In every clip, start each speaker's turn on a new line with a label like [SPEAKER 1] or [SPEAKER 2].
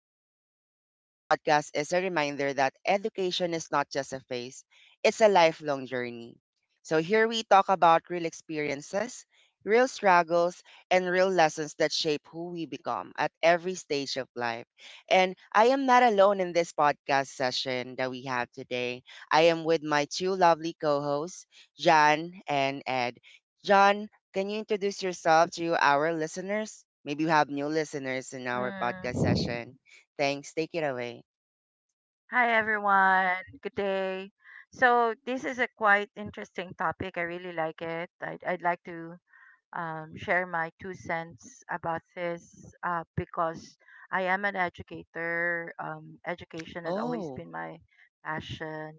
[SPEAKER 1] career, this podcast is a reminder that education is not just a phase, it's a lifelong journey. So, here we talk about real experiences, real struggles, and real lessons that shape who we become at every stage of life. And I am not alone in this podcast session that we have today. I am with my two lovely co hosts, Jan and Ed. John, can you introduce yourself to our listeners? Maybe we have new listeners in our podcast
[SPEAKER 2] Mm.
[SPEAKER 1] session. Thanks. Take it away.
[SPEAKER 2] Hi everyone. Good day. So this is a quite interesting topic. I really like it. I'd like to share my 2 cents about this because I am an educator. Education has always
[SPEAKER 1] Oh,
[SPEAKER 2] been my passion.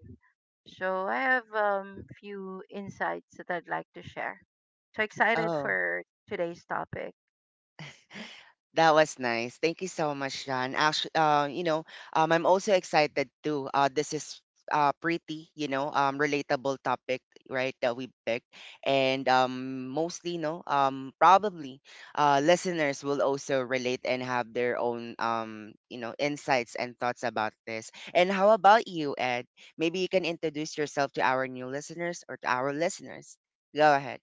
[SPEAKER 2] So I have few insights that I'd like to share. So excited
[SPEAKER 1] oh.
[SPEAKER 2] for today's topic.
[SPEAKER 1] That was nice. Thank you so much, John. Actually, I'm also excited too. This is pretty, relatable topic, right? That we picked, and mostly, no, probably, listeners will also relate and have their own, insights and thoughts about this. And how about you, Ed? Maybe you can introduce yourself to our new listeners or to our listeners. Go ahead.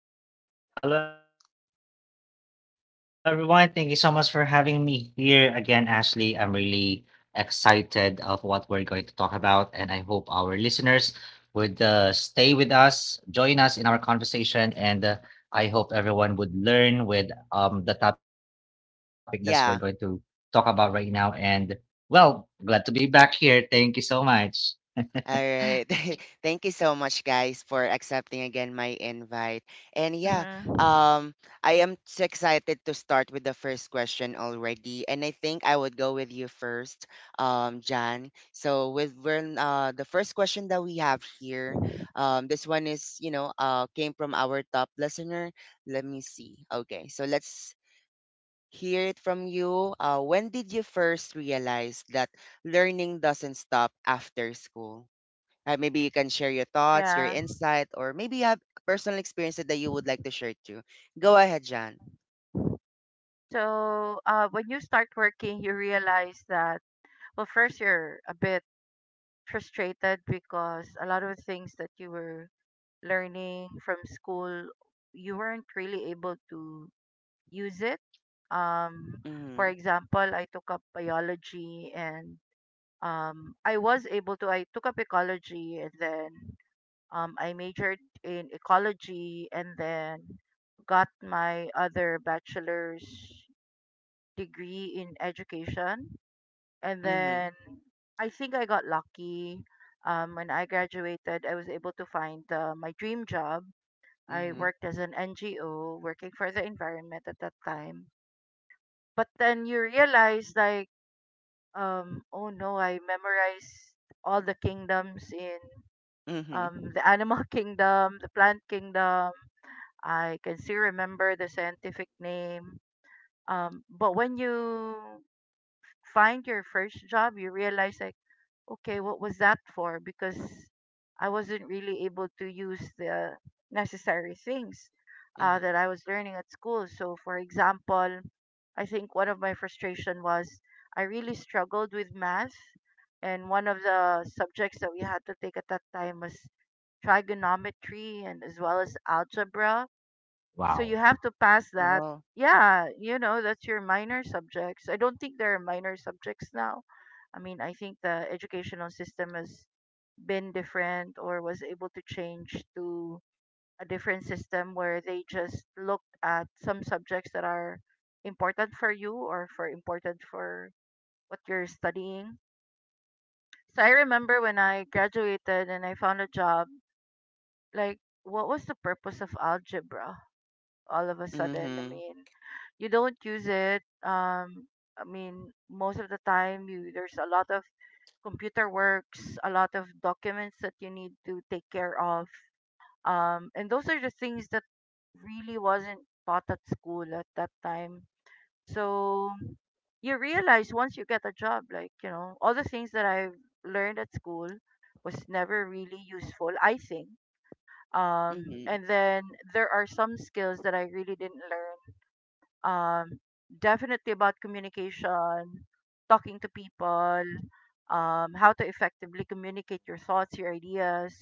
[SPEAKER 3] Hello, everyone. Thank you so much for having me here again, Ashley. I'm really excited of what we're going to talk about, and I hope our listeners would stay with us, join us in our conversation, and I hope everyone would learn with the topic that we're going to talk about right now. And well,
[SPEAKER 1] Yeah.
[SPEAKER 3] glad to be back here. Thank you so much.
[SPEAKER 1] Alright. Thank you so much, guys, for accepting again my invite. And yeah,
[SPEAKER 2] Mm-hmm.
[SPEAKER 1] um, I am so excited to start with the first question already. And I think I would go with you first, Jan. So with when the first question that we have here, this one is came from our top listener. Let me see. Okay, so let's hear it from you. When did you first realize that learning doesn't stop after school? Maybe you can share your thoughts, your
[SPEAKER 2] Yeah.
[SPEAKER 1] insight, or maybe you have personal experiences that you would like to share too. Go ahead, John.
[SPEAKER 2] So, when you start working, you realize that, well, first you're a bit frustrated because a lot of things that you were learning from school, you weren't really able to use it. Um, for
[SPEAKER 1] Mm-hmm.
[SPEAKER 2] example, I took up biology and I was able to, I took up ecology, and then I majored in ecology, and then got my other bachelor's degree in education. And
[SPEAKER 1] Mm-hmm.
[SPEAKER 2] then I think I got lucky. When I graduated, I was able to find my dream job. I
[SPEAKER 1] Mm-hmm.
[SPEAKER 2] worked as an NGO, working for the environment at that time. But then you realize, like, oh no, I memorized all the kingdoms in
[SPEAKER 1] Mm-hmm.
[SPEAKER 2] the animal kingdom, the plant kingdom. I can still remember the scientific name. But when you find your first job, you realize, like, okay, what was that for? Because I wasn't really able to use the necessary things
[SPEAKER 1] Mm-hmm.
[SPEAKER 2] that I was learning at school. So, for example, I think one of my frustration was I really struggled with math, and one of the subjects that we had to take at that time was trigonometry, and as well as algebra,
[SPEAKER 3] Wow.
[SPEAKER 2] so you have to pass that.
[SPEAKER 1] Oh.
[SPEAKER 2] Yeah, you know, that's your minor subjects. I don't think there are minor subjects now. I mean, I think the educational system has been different, or was able to change to a different system where they just looked at some subjects that are important for you, or for important for what you're studying. So I remember when I graduated and I found a job, like, what was the purpose of algebra all of a sudden? I
[SPEAKER 1] Mm-hmm.
[SPEAKER 2] mean, you don't use it. I mean, most of the time you there's a lot of computer works, a lot of documents that you need to take care of. And those are the things that really wasn't taught at school at that time. So you realize once you get a job, like, you know, all the things that I learned at school was never really useful, I think.
[SPEAKER 1] Mm-hmm.
[SPEAKER 2] And then there are some skills that I really didn't learn, um, definitely about communication, talking to people, how to effectively communicate your thoughts, your ideas.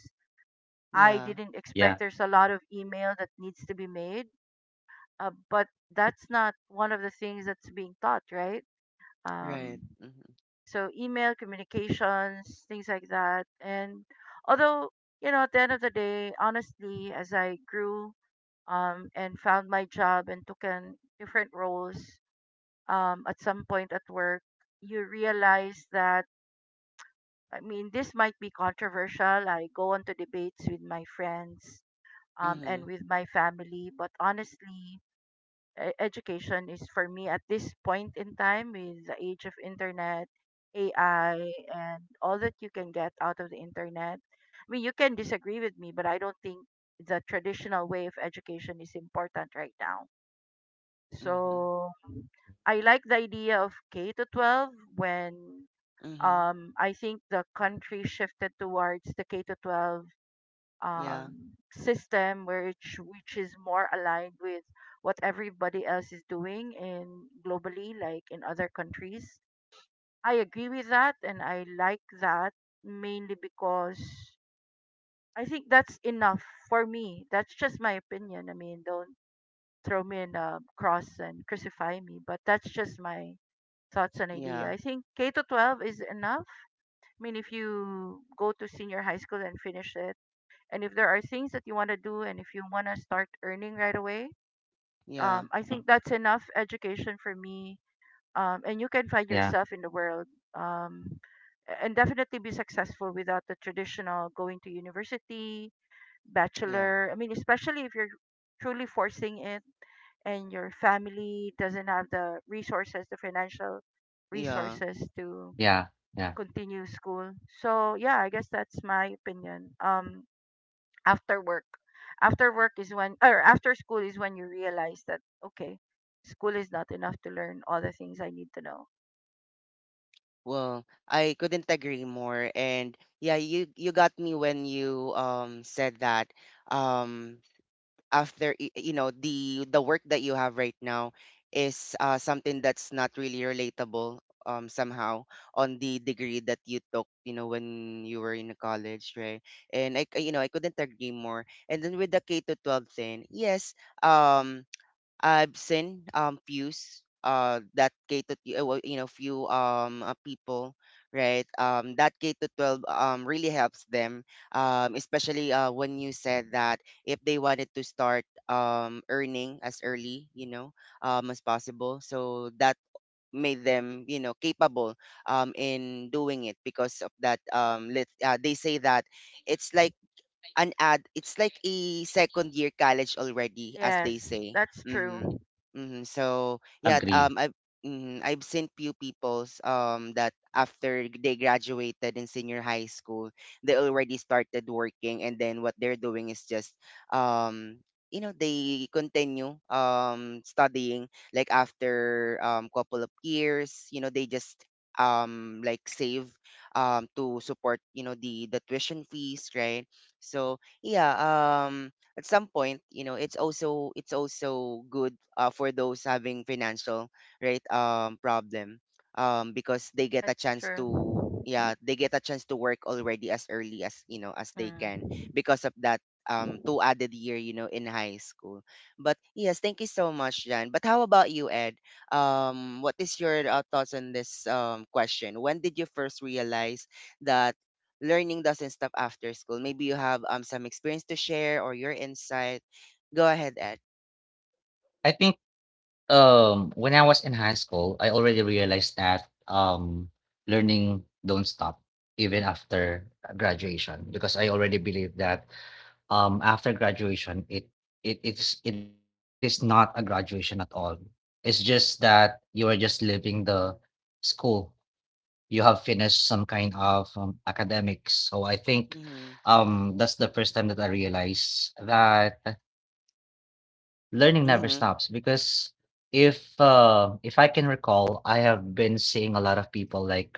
[SPEAKER 3] Yeah.
[SPEAKER 2] I
[SPEAKER 1] Yeah.
[SPEAKER 2] didn't expect there's a lot of email that needs to be made, but that's not one of the things that's being taught, right?
[SPEAKER 1] Right.
[SPEAKER 2] Um,
[SPEAKER 1] Mm-hmm.
[SPEAKER 2] so email communications, things like that. And although, you know, at the end of the day, honestly, as I grew and found my job and took on different roles, at some point at work, you realize that, I mean, this might be controversial. I go on to debates with my friends and
[SPEAKER 1] Mm-hmm.
[SPEAKER 2] with my family, but honestly, education is, for me at this point in time, with the age of internet, AI, and all that you can get out of the internet. I mean, you can disagree with me, but I don't think the traditional way of education is important right now.
[SPEAKER 1] Mm-hmm.
[SPEAKER 2] So I like the idea of K to 12 when
[SPEAKER 1] Mm-hmm.
[SPEAKER 2] I think the country shifted towards the K to 12
[SPEAKER 1] Yeah.
[SPEAKER 2] system, where which is more aligned with what everybody else is doing in globally, like in other countries. I agree with that, and I like that mainly because I think that's enough for me. That's just my opinion. I mean, don't throw me in a cross and crucify me, but that's just my thoughts and idea.
[SPEAKER 1] Yeah.
[SPEAKER 2] I think K to 12 is enough. I mean, if you go to senior high school and finish it, and if there are things that you want to do, and if you want to start earning right away,
[SPEAKER 1] Yeah.
[SPEAKER 2] I think that's enough education for me. And you can
[SPEAKER 3] Yeah.
[SPEAKER 2] find yourself in the world, um, and definitely be successful without the traditional going to university,
[SPEAKER 1] Yeah.
[SPEAKER 2] bachelor. I mean, especially if you're truly forcing it and your family doesn't have the resources, the financial
[SPEAKER 1] Yeah.
[SPEAKER 2] resources to
[SPEAKER 3] Yeah. Yeah.
[SPEAKER 2] continue school. So yeah, I guess that's my opinion. After work, after work is when, or after school is when you realize that okay, school is not enough to learn all the things I need to know.
[SPEAKER 1] Well, I couldn't agree more. And yeah, you got me when you said that um after the work that you have right now is something that's not really relatable somehow, on the degree that you took, when you were in college, right. And I c- you know I couldn't agree more. And then with the K to 12 thing, yes. I've seen views that K to t-, well, few people, right, that K to 12 really helps them, especially when you said that if they wanted to start earning as early, as possible, so that made them, capable in doing it, because of that let they say that it's like it's like a second year college already, as they
[SPEAKER 2] Yes,
[SPEAKER 1] say.
[SPEAKER 2] that's
[SPEAKER 1] Mm-hmm.
[SPEAKER 2] true.
[SPEAKER 1] Mm-hmm. So yeah,
[SPEAKER 3] Agree.
[SPEAKER 1] I've seen few peoples that after they graduated in senior high school, they already started working. And then what they're doing is just um they continue studying, like after couple of years, they just like save to support, the tuition fees, right. So yeah, at some point, it's also good, for those having financial, right, problem, because they get a
[SPEAKER 2] That's
[SPEAKER 1] chance to,
[SPEAKER 2] true.
[SPEAKER 1] yeah, they get a chance to work already as early as you know as they can,
[SPEAKER 2] Mm.
[SPEAKER 1] because of that two added year, in high school. But yes, thank you so much, Jan. But how about you, Ed? What is your, thoughts on this, question: when did you first realize that learning doesn't stop after school? Maybe you have some experience to share or your insight. Go ahead, Ed.
[SPEAKER 3] I think when I was in high school, I already realized that learning don't stop even after graduation, because I already believe that after graduation, it is not a graduation at all. It's just that you are just leaving the school. You have finished some kind of academics. So I think
[SPEAKER 1] Mm-hmm.
[SPEAKER 3] that's the first time that I realized that learning never stops.
[SPEAKER 1] Mm-hmm.
[SPEAKER 3] Because if I can recall, I have been seeing a lot of people, like uh,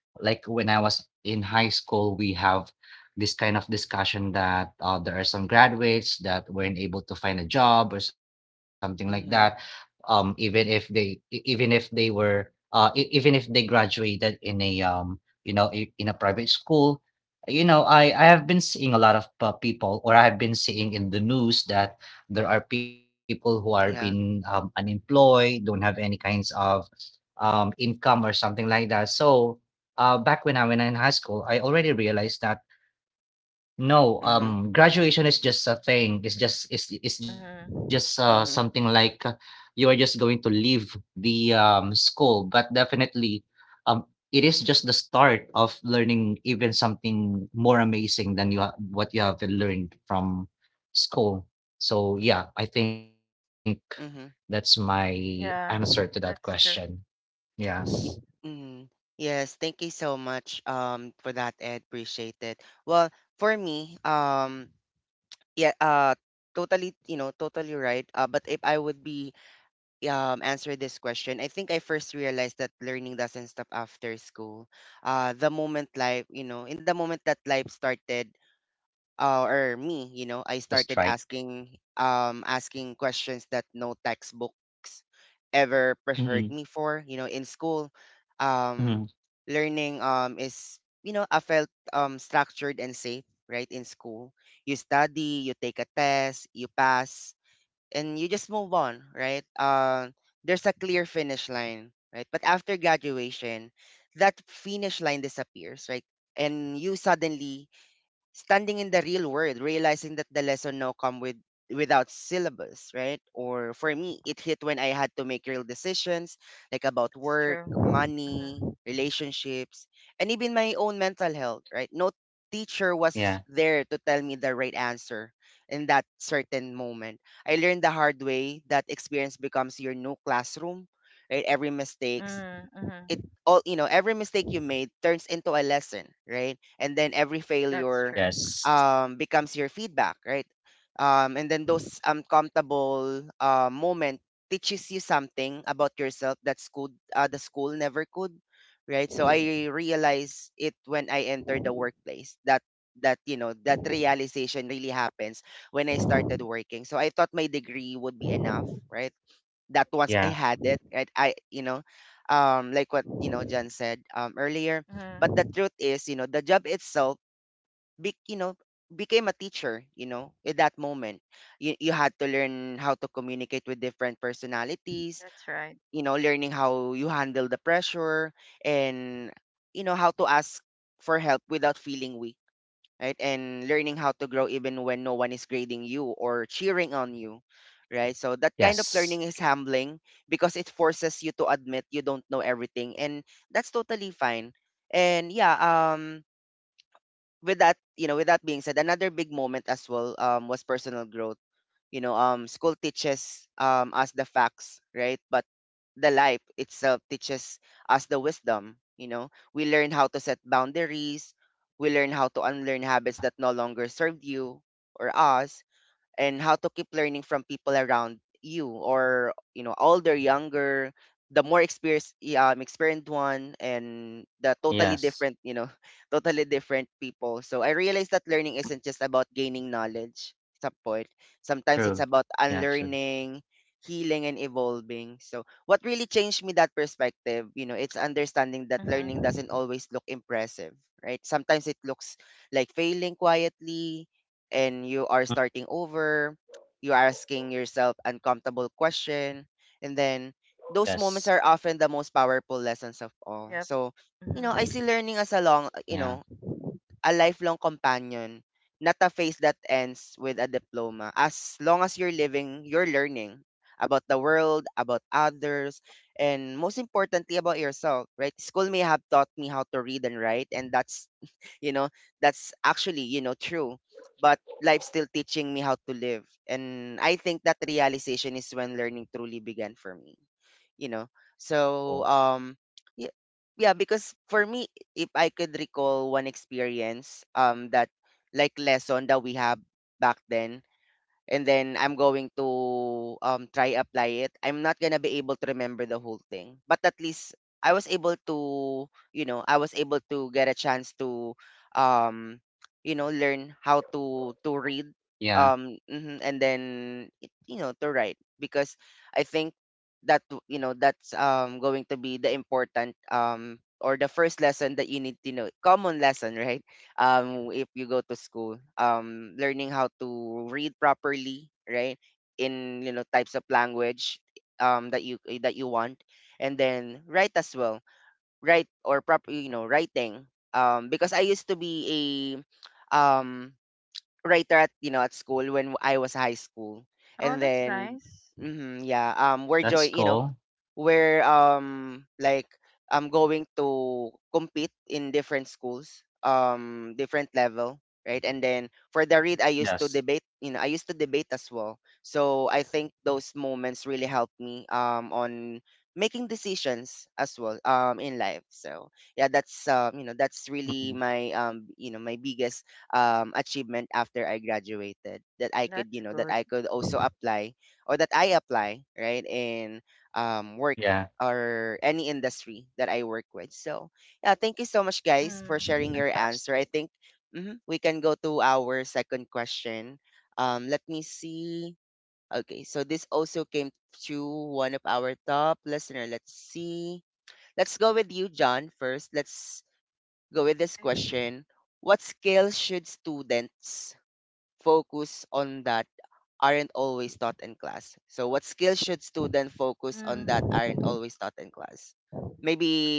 [SPEAKER 3] like when I was in high school, we have this kind of discussion that there are some graduates that weren't able to find a job or something like that.
[SPEAKER 1] Mm-hmm.
[SPEAKER 3] Even if they e- even if they graduated in a in a private school, I have been seeing a lot of people, or I have been seeing in the news that there are people who are being
[SPEAKER 1] Yeah.
[SPEAKER 3] unemployed, don't have any kinds of income or something like that. So back when I in high school, I already realized that no,
[SPEAKER 1] Mm-hmm.
[SPEAKER 3] graduation is just a thing. It's just
[SPEAKER 2] Mm-hmm.
[SPEAKER 3] something
[SPEAKER 1] Mm-hmm.
[SPEAKER 3] like you are just going to leave the school, but definitely, it is just the start of learning, even something more amazing than what you have learned from school. So yeah, I think that's
[SPEAKER 1] Mm-hmm.
[SPEAKER 3] my answer to that
[SPEAKER 2] Yeah,
[SPEAKER 3] question.
[SPEAKER 2] that's true.
[SPEAKER 3] Yes,
[SPEAKER 1] Y- mm Yes. Thank you so much for that, Ed. Appreciate it. Well, for me, yeah, totally, totally right. But if I would be, answer this question, I think I first realized that learning doesn't stop after school the moment life, in the moment that life started. Or me, I
[SPEAKER 3] the
[SPEAKER 1] started
[SPEAKER 3] strike.
[SPEAKER 1] asking questions that no textbooks ever preferred
[SPEAKER 3] Mhm,
[SPEAKER 1] me for. In school,
[SPEAKER 3] mhm.
[SPEAKER 1] um, learning is, I felt structured and safe, right? In school, you study, you take a test, you pass, and you just move on, right? There's a clear finish line, right? But after graduation, that finish line disappears, right? And you suddenly standing in the real world, realizing that the lesson now come without syllabus, right? Or for me, it hit when I had to make real decisions, like about
[SPEAKER 2] That's
[SPEAKER 1] work,
[SPEAKER 2] true.
[SPEAKER 1] money,
[SPEAKER 2] Mm-hmm.
[SPEAKER 1] relationships, and even my own mental health, right? No teacher was
[SPEAKER 3] Yeah.
[SPEAKER 1] there to tell me the right answer in that certain moment. I learned the hard way that experience becomes your new classroom, right? Every mistake
[SPEAKER 2] Mm,
[SPEAKER 1] it
[SPEAKER 2] mm-hmm.
[SPEAKER 1] all you know every mistake you made turns into a lesson, right, and then every
[SPEAKER 2] That's
[SPEAKER 1] failure
[SPEAKER 2] true.
[SPEAKER 3] Yes.
[SPEAKER 1] becomes your feedback, right. And then those uncomfortable moment teaches you something about yourself that school the school never could, right. So I realized it when I entered the workplace, that that you know that realization really happens when I started working. So I thought my degree would be enough, right, that
[SPEAKER 3] Yeah.
[SPEAKER 1] once I had it, right, I, like what, John said, earlier. But the
[SPEAKER 2] Mm-hmm.
[SPEAKER 1] truth is, the job itself, be, you know, became a teacher, at that moment. You had to learn how to communicate with different personalities,
[SPEAKER 2] That's right.
[SPEAKER 1] learning how you handle the pressure and, how to ask for help without feeling weak, right? And learning how to grow even when no one is grading you or cheering on you, right? So that kind of
[SPEAKER 3] Yes.
[SPEAKER 1] learning is humbling because it forces you to admit you don't know everything, and that's totally fine. And yeah, with that being said, another big moment as well was personal growth. School teaches us the facts, right, but the life itself teaches us the wisdom. We learn how to set boundaries, we learn how to unlearn
[SPEAKER 3] Yeah.
[SPEAKER 1] habits that no longer serve you or us, and how to keep learning from people around you, or, older, younger, the more experienced one, and the totally
[SPEAKER 3] Yes.
[SPEAKER 1] different, totally different people. So I realized that learning isn't just about gaining knowledge. At some point,
[SPEAKER 3] True.
[SPEAKER 1] sometimes it's about
[SPEAKER 3] Yeah, true.
[SPEAKER 1] unlearning, healing, and evolving. So what really changed me that perspective, it's understanding that learning
[SPEAKER 2] Mm-hmm.
[SPEAKER 1] doesn't always look impressive, right. Sometimes it looks like failing quietly, and you
[SPEAKER 3] Mm.
[SPEAKER 1] are starting over, you are asking yourself uncomfortable question, and then those
[SPEAKER 3] Yes.
[SPEAKER 1] moments are often the most powerful lessons of all.
[SPEAKER 2] Yep.
[SPEAKER 1] So, I
[SPEAKER 2] Mm-hmm.
[SPEAKER 1] see learning as a long,
[SPEAKER 3] Yeah.
[SPEAKER 1] you know, a lifelong companion, not a phase that ends with a diploma. As long as you're living, you're learning about the world, about others, and most importantly about yourself, right? School may have taught me how to read and write, and you know that's actually, true, but life's still teaching me how to live. And I think that realization is when learning truly began for me, you know
[SPEAKER 3] Cool.
[SPEAKER 1] so yeah, yeah, because for me, if I could recall one experience that, like, lesson that we have back then, and then I'm going to try apply it. I'm not gonna be able to remember the whole thing, but at least I was able to, you know, I was able to get a chance to, um, learn how to read,
[SPEAKER 3] Yeah.
[SPEAKER 1] mhm, and then to write, because I think that's going to be the important, or the first lesson that you need to know, common lesson, right. If you go to school, learning how to read properly, right, in, types of language that you, that you want, and then write as well, write or proper, writing, because I used to be a um writer, at you know at school when I was high school.
[SPEAKER 2] Oh,
[SPEAKER 1] And
[SPEAKER 2] that's
[SPEAKER 1] then,
[SPEAKER 2] nice.
[SPEAKER 1] mhm, yeah,
[SPEAKER 3] That's
[SPEAKER 1] we're joy,
[SPEAKER 3] cool.
[SPEAKER 1] where, like, I'm going to compete in different schools, different level, right? And then for the read I
[SPEAKER 3] Yes.
[SPEAKER 1] used to debate, I used to debate as well. So I think those moments really helped me on making decisions as well in life. So yeah, that's
[SPEAKER 3] Mhm.
[SPEAKER 1] really my my biggest achievement after I graduated that I could,
[SPEAKER 2] That's
[SPEAKER 1] that
[SPEAKER 2] good.
[SPEAKER 1] I could
[SPEAKER 3] Okay.
[SPEAKER 1] also apply or that I apply, right? In work
[SPEAKER 3] Yeah.
[SPEAKER 1] or any industry that I work with. So, yeah, thank you so much, guys, for sharing
[SPEAKER 2] Mm.
[SPEAKER 1] your
[SPEAKER 3] Fantastic.
[SPEAKER 1] answer. I think mhm, we can go to our second question. Let me see. Okay, so this also came to one of our top listener. Let's see. Let's go with you, John, first. Let's go with this
[SPEAKER 2] Okay.
[SPEAKER 1] question. What skills should students focus on that aren't always taught in class? So what skills should students focus on that aren't
[SPEAKER 2] Mm.
[SPEAKER 1] always taught in class?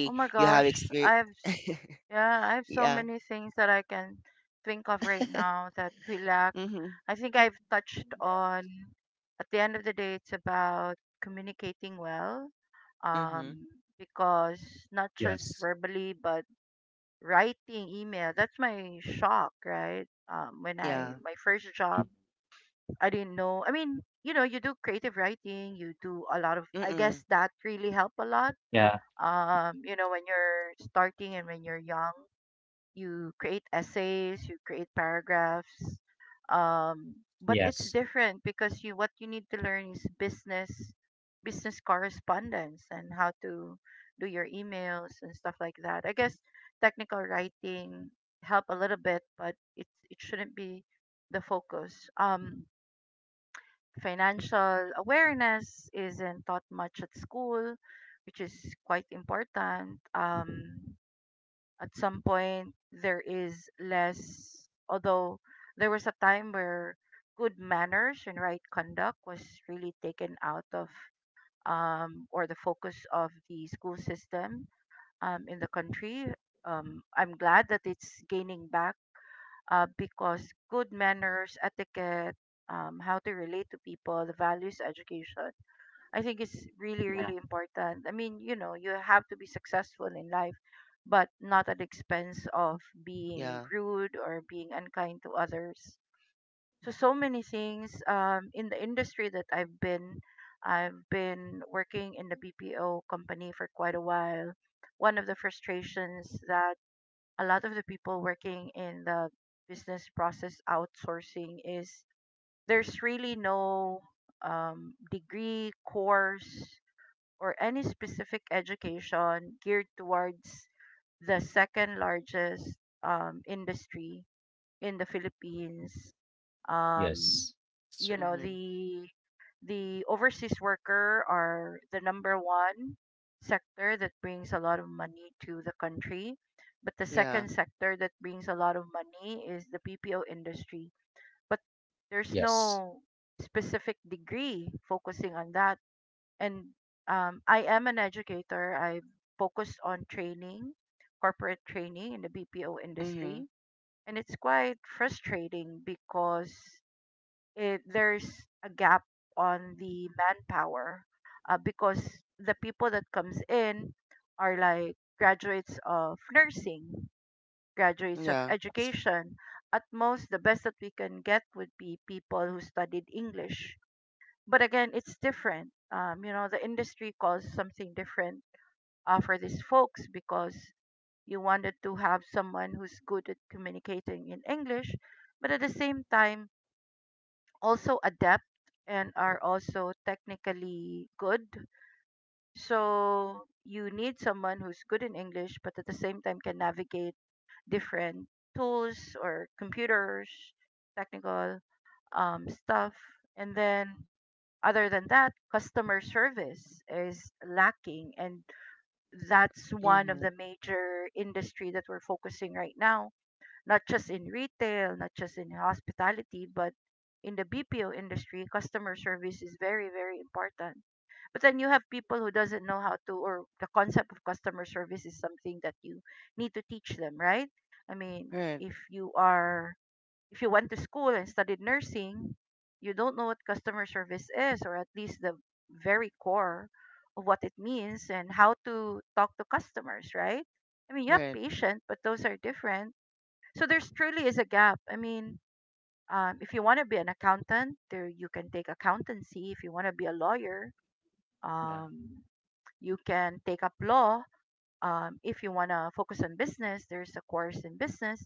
[SPEAKER 2] Oh my
[SPEAKER 1] you have
[SPEAKER 2] gosh,
[SPEAKER 1] experience.
[SPEAKER 2] I've s- Yeah, I have so
[SPEAKER 1] Yeah.
[SPEAKER 2] many things that I can think of right now that we lack.
[SPEAKER 1] Mhm.
[SPEAKER 2] I think I've
[SPEAKER 3] Yeah.
[SPEAKER 2] touched on, at the end of the day, it's about communicating well.
[SPEAKER 1] Mhm.
[SPEAKER 2] Um because not
[SPEAKER 3] Yes.
[SPEAKER 2] just verbally but writing email. That's my shock, right? When I
[SPEAKER 1] Yeah.
[SPEAKER 2] my first job, I didn't know. I mean, you know, you do creative writing, you do a lot of, I
[SPEAKER 1] Mhm.
[SPEAKER 2] guess that really helped a lot,
[SPEAKER 3] Yeah.
[SPEAKER 2] you know, when you're starting and when you're young, you create essays, you create paragraphs. Um, but
[SPEAKER 3] Yes.
[SPEAKER 2] it's different because you what you need to learn is business correspondence and how to do your emails and stuff like that. I guess technical writing help a little bit, but it shouldn't be the focus. Financial awareness isn't taught much at school, which is quite important. At some point, there is less, although there was a time where good manners and right conduct was really taken out of or the focus of the school system in the country. I'm glad that it's gaining back, because good manners, etiquette, how to relate to people, the values, education, I think it's really,
[SPEAKER 3] Yeah.
[SPEAKER 2] really important. I mean, you know, you have to be successful in life, but not at the expense of being
[SPEAKER 1] Yeah.
[SPEAKER 2] rude or being unkind to others. So so many things in the industry that I've been working in the BPO company for quite a while. One of the frustrations that a lot of the people working in the business process outsourcing is there's really no degree, course, or any specific education geared towards the second largest industry in the Philippines.
[SPEAKER 3] Yes.
[SPEAKER 2] um,
[SPEAKER 3] True.
[SPEAKER 2] you know,
[SPEAKER 1] Mhm.
[SPEAKER 2] the overseas worker are the number one sector that brings a lot of money to the country, but the
[SPEAKER 1] Yeah.
[SPEAKER 2] second sector that brings a lot of money is the PPO industry, but there's
[SPEAKER 3] Yes.
[SPEAKER 2] no specific degree focusing on that. And I am an educator. I focus on training, corporate training in the BPO
[SPEAKER 1] Mhm.
[SPEAKER 2] industry, and it's quite frustrating because it there's a gap on the manpower, because the people that comes in are like graduates of nursing, graduates of
[SPEAKER 1] Yeah.
[SPEAKER 2] education. At most, the best that we can get would be people who studied English. But again, it's different. You know, the industry calls something different for these folks because you wanted to have someone who's good at communicating in English, but at the same time also adept, and are also technically good. So you need someone who's good in English, but at the same time can navigate different tools or computers, technical stuff. And then, other than that, customer service is lacking. And that's one of
[SPEAKER 1] Mhm.
[SPEAKER 2] the major industry that we're focusing right now, not just in retail, not just in hospitality, but in the BPO industry, customer service is very, very important. But then you have people who doesn't know how to, or the concept of customer service is something that you need to teach them, right? I mean,
[SPEAKER 1] Right.
[SPEAKER 2] if you went to school and studied nursing, you don't know what customer service is, or at least the very core of what it means and how to talk to customers, right? I mean, you have
[SPEAKER 1] Right.
[SPEAKER 2] patient, but those are different. So there's truly is a gap. I mean, if you want to be an accountant, there you can take accountancy. If you want to be a lawyer,
[SPEAKER 3] Yeah.
[SPEAKER 2] um, you can take up law. If you want to focus on business, there's a course in business.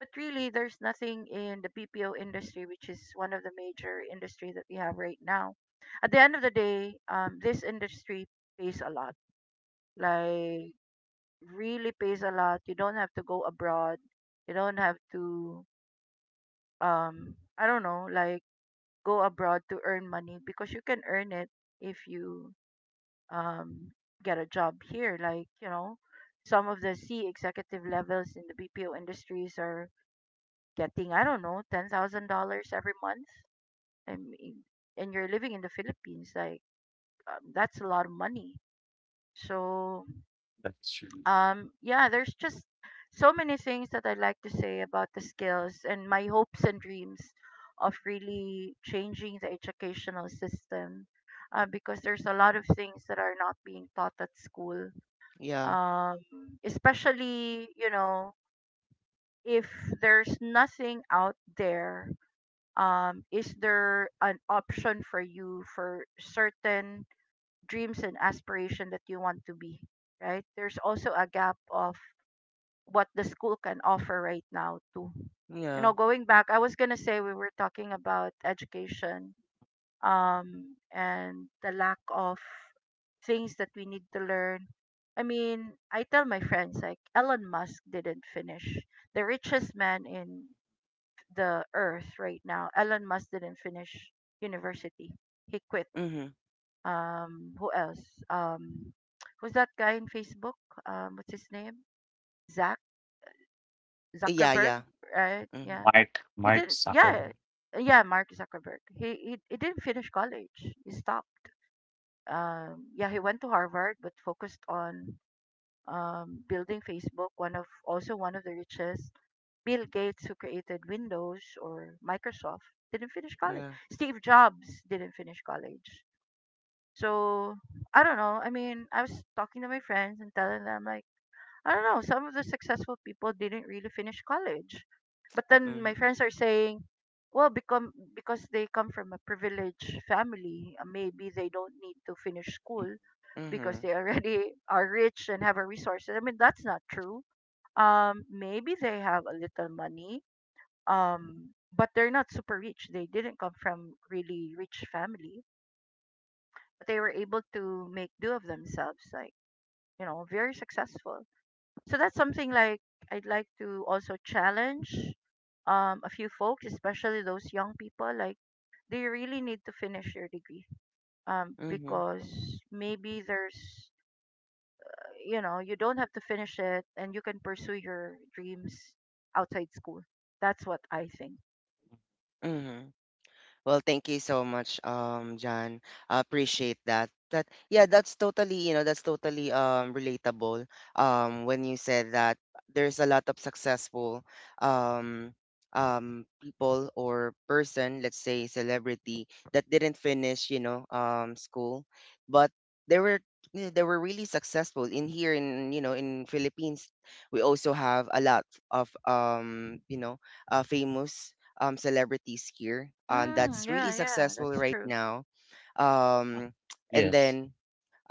[SPEAKER 2] But really, there's nothing in the BPO industry, which is one of the major industry that we have right now. At the end of the day, this industry pays a lot. Like really pays a lot. You don't have to go abroad. You don't have to. I don't know, like go abroad to earn money because you can earn it if you um get a job here. Like, you know, some of the C executive levels in the BPO industries are getting, I don't know, $10,000 every month. I mean, and you're living in the Philippines, like that's a lot of money. So
[SPEAKER 3] That's true.
[SPEAKER 2] yeah, there's just so many things that I'd like to say about the skills and my hopes and dreams of really changing the educational system, because there's a lot of things that are not being taught at school,
[SPEAKER 1] Yeah.
[SPEAKER 2] um, especially, you know, if there's nothing out there. Is there an option for you for certain dreams and aspiration that you want to be? Right, there's also a gap of what the school can offer right now too. You
[SPEAKER 1] Yeah.
[SPEAKER 2] know, going back, I was going to say we were talking about education and the lack of things that we need to learn. I mean, I tell my friends like Elon Musk didn't finish. The richest man in the earth right now, Elon Musk, didn't finish university. He quit.
[SPEAKER 1] Mhm.
[SPEAKER 2] Who else? Who's that guy in Facebook? What's his name?
[SPEAKER 1] Yeah.
[SPEAKER 2] Zuckerberg,
[SPEAKER 1] Yeah.
[SPEAKER 2] right?
[SPEAKER 1] Mhm.
[SPEAKER 2] Yeah.
[SPEAKER 3] Mark
[SPEAKER 2] He didn't
[SPEAKER 3] Zuckerberg.
[SPEAKER 2] yeah. Yeah, Mark Zuckerberg. He didn't finish college. He stopped. Yeah, he went to Harvard but focused on building Facebook, one of also one of the richest. Bill Gates, who created Windows or Microsoft, didn't finish college.
[SPEAKER 1] Yeah.
[SPEAKER 2] Steve Jobs didn't finish college. So I don't know. I mean, I was talking to my friends and telling them like, I don't know, some of the successful people didn't really finish college. But then my
[SPEAKER 1] Mhm.
[SPEAKER 2] friends are saying, well, become because they come from a privileged family, maybe they don't need to finish school because
[SPEAKER 1] Mhm.
[SPEAKER 2] they already are rich and have a resource. I mean, that's not true. Maybe they have a little money, but they're not super rich. They didn't come from really rich family, but they were able to make do of themselves, like, you know, very successful. So that's something like I'd like to also challenge a few folks, especially those young people. Like, do you really need to finish your degree?
[SPEAKER 1] Mhm.
[SPEAKER 2] Because maybe there's, you know, you don't have to finish it, and you can pursue your dreams outside school. That's what I think.
[SPEAKER 1] Mhm. Well, thank you so much, John. I appreciate that. Yeah, that's totally, that's totally relatable. When you said that there's a lot of successful um um people or person, let's say celebrity, that didn't finish, school, but they were yeah, they were really successful in here in in Philippines. We also have a lot of famous celebrities here
[SPEAKER 2] Mm,
[SPEAKER 1] that's really
[SPEAKER 2] yeah, yeah,
[SPEAKER 1] successful
[SPEAKER 2] that's
[SPEAKER 1] right
[SPEAKER 2] true.
[SPEAKER 1] now.
[SPEAKER 3] Uh,
[SPEAKER 1] Um, and
[SPEAKER 3] Yes.
[SPEAKER 1] then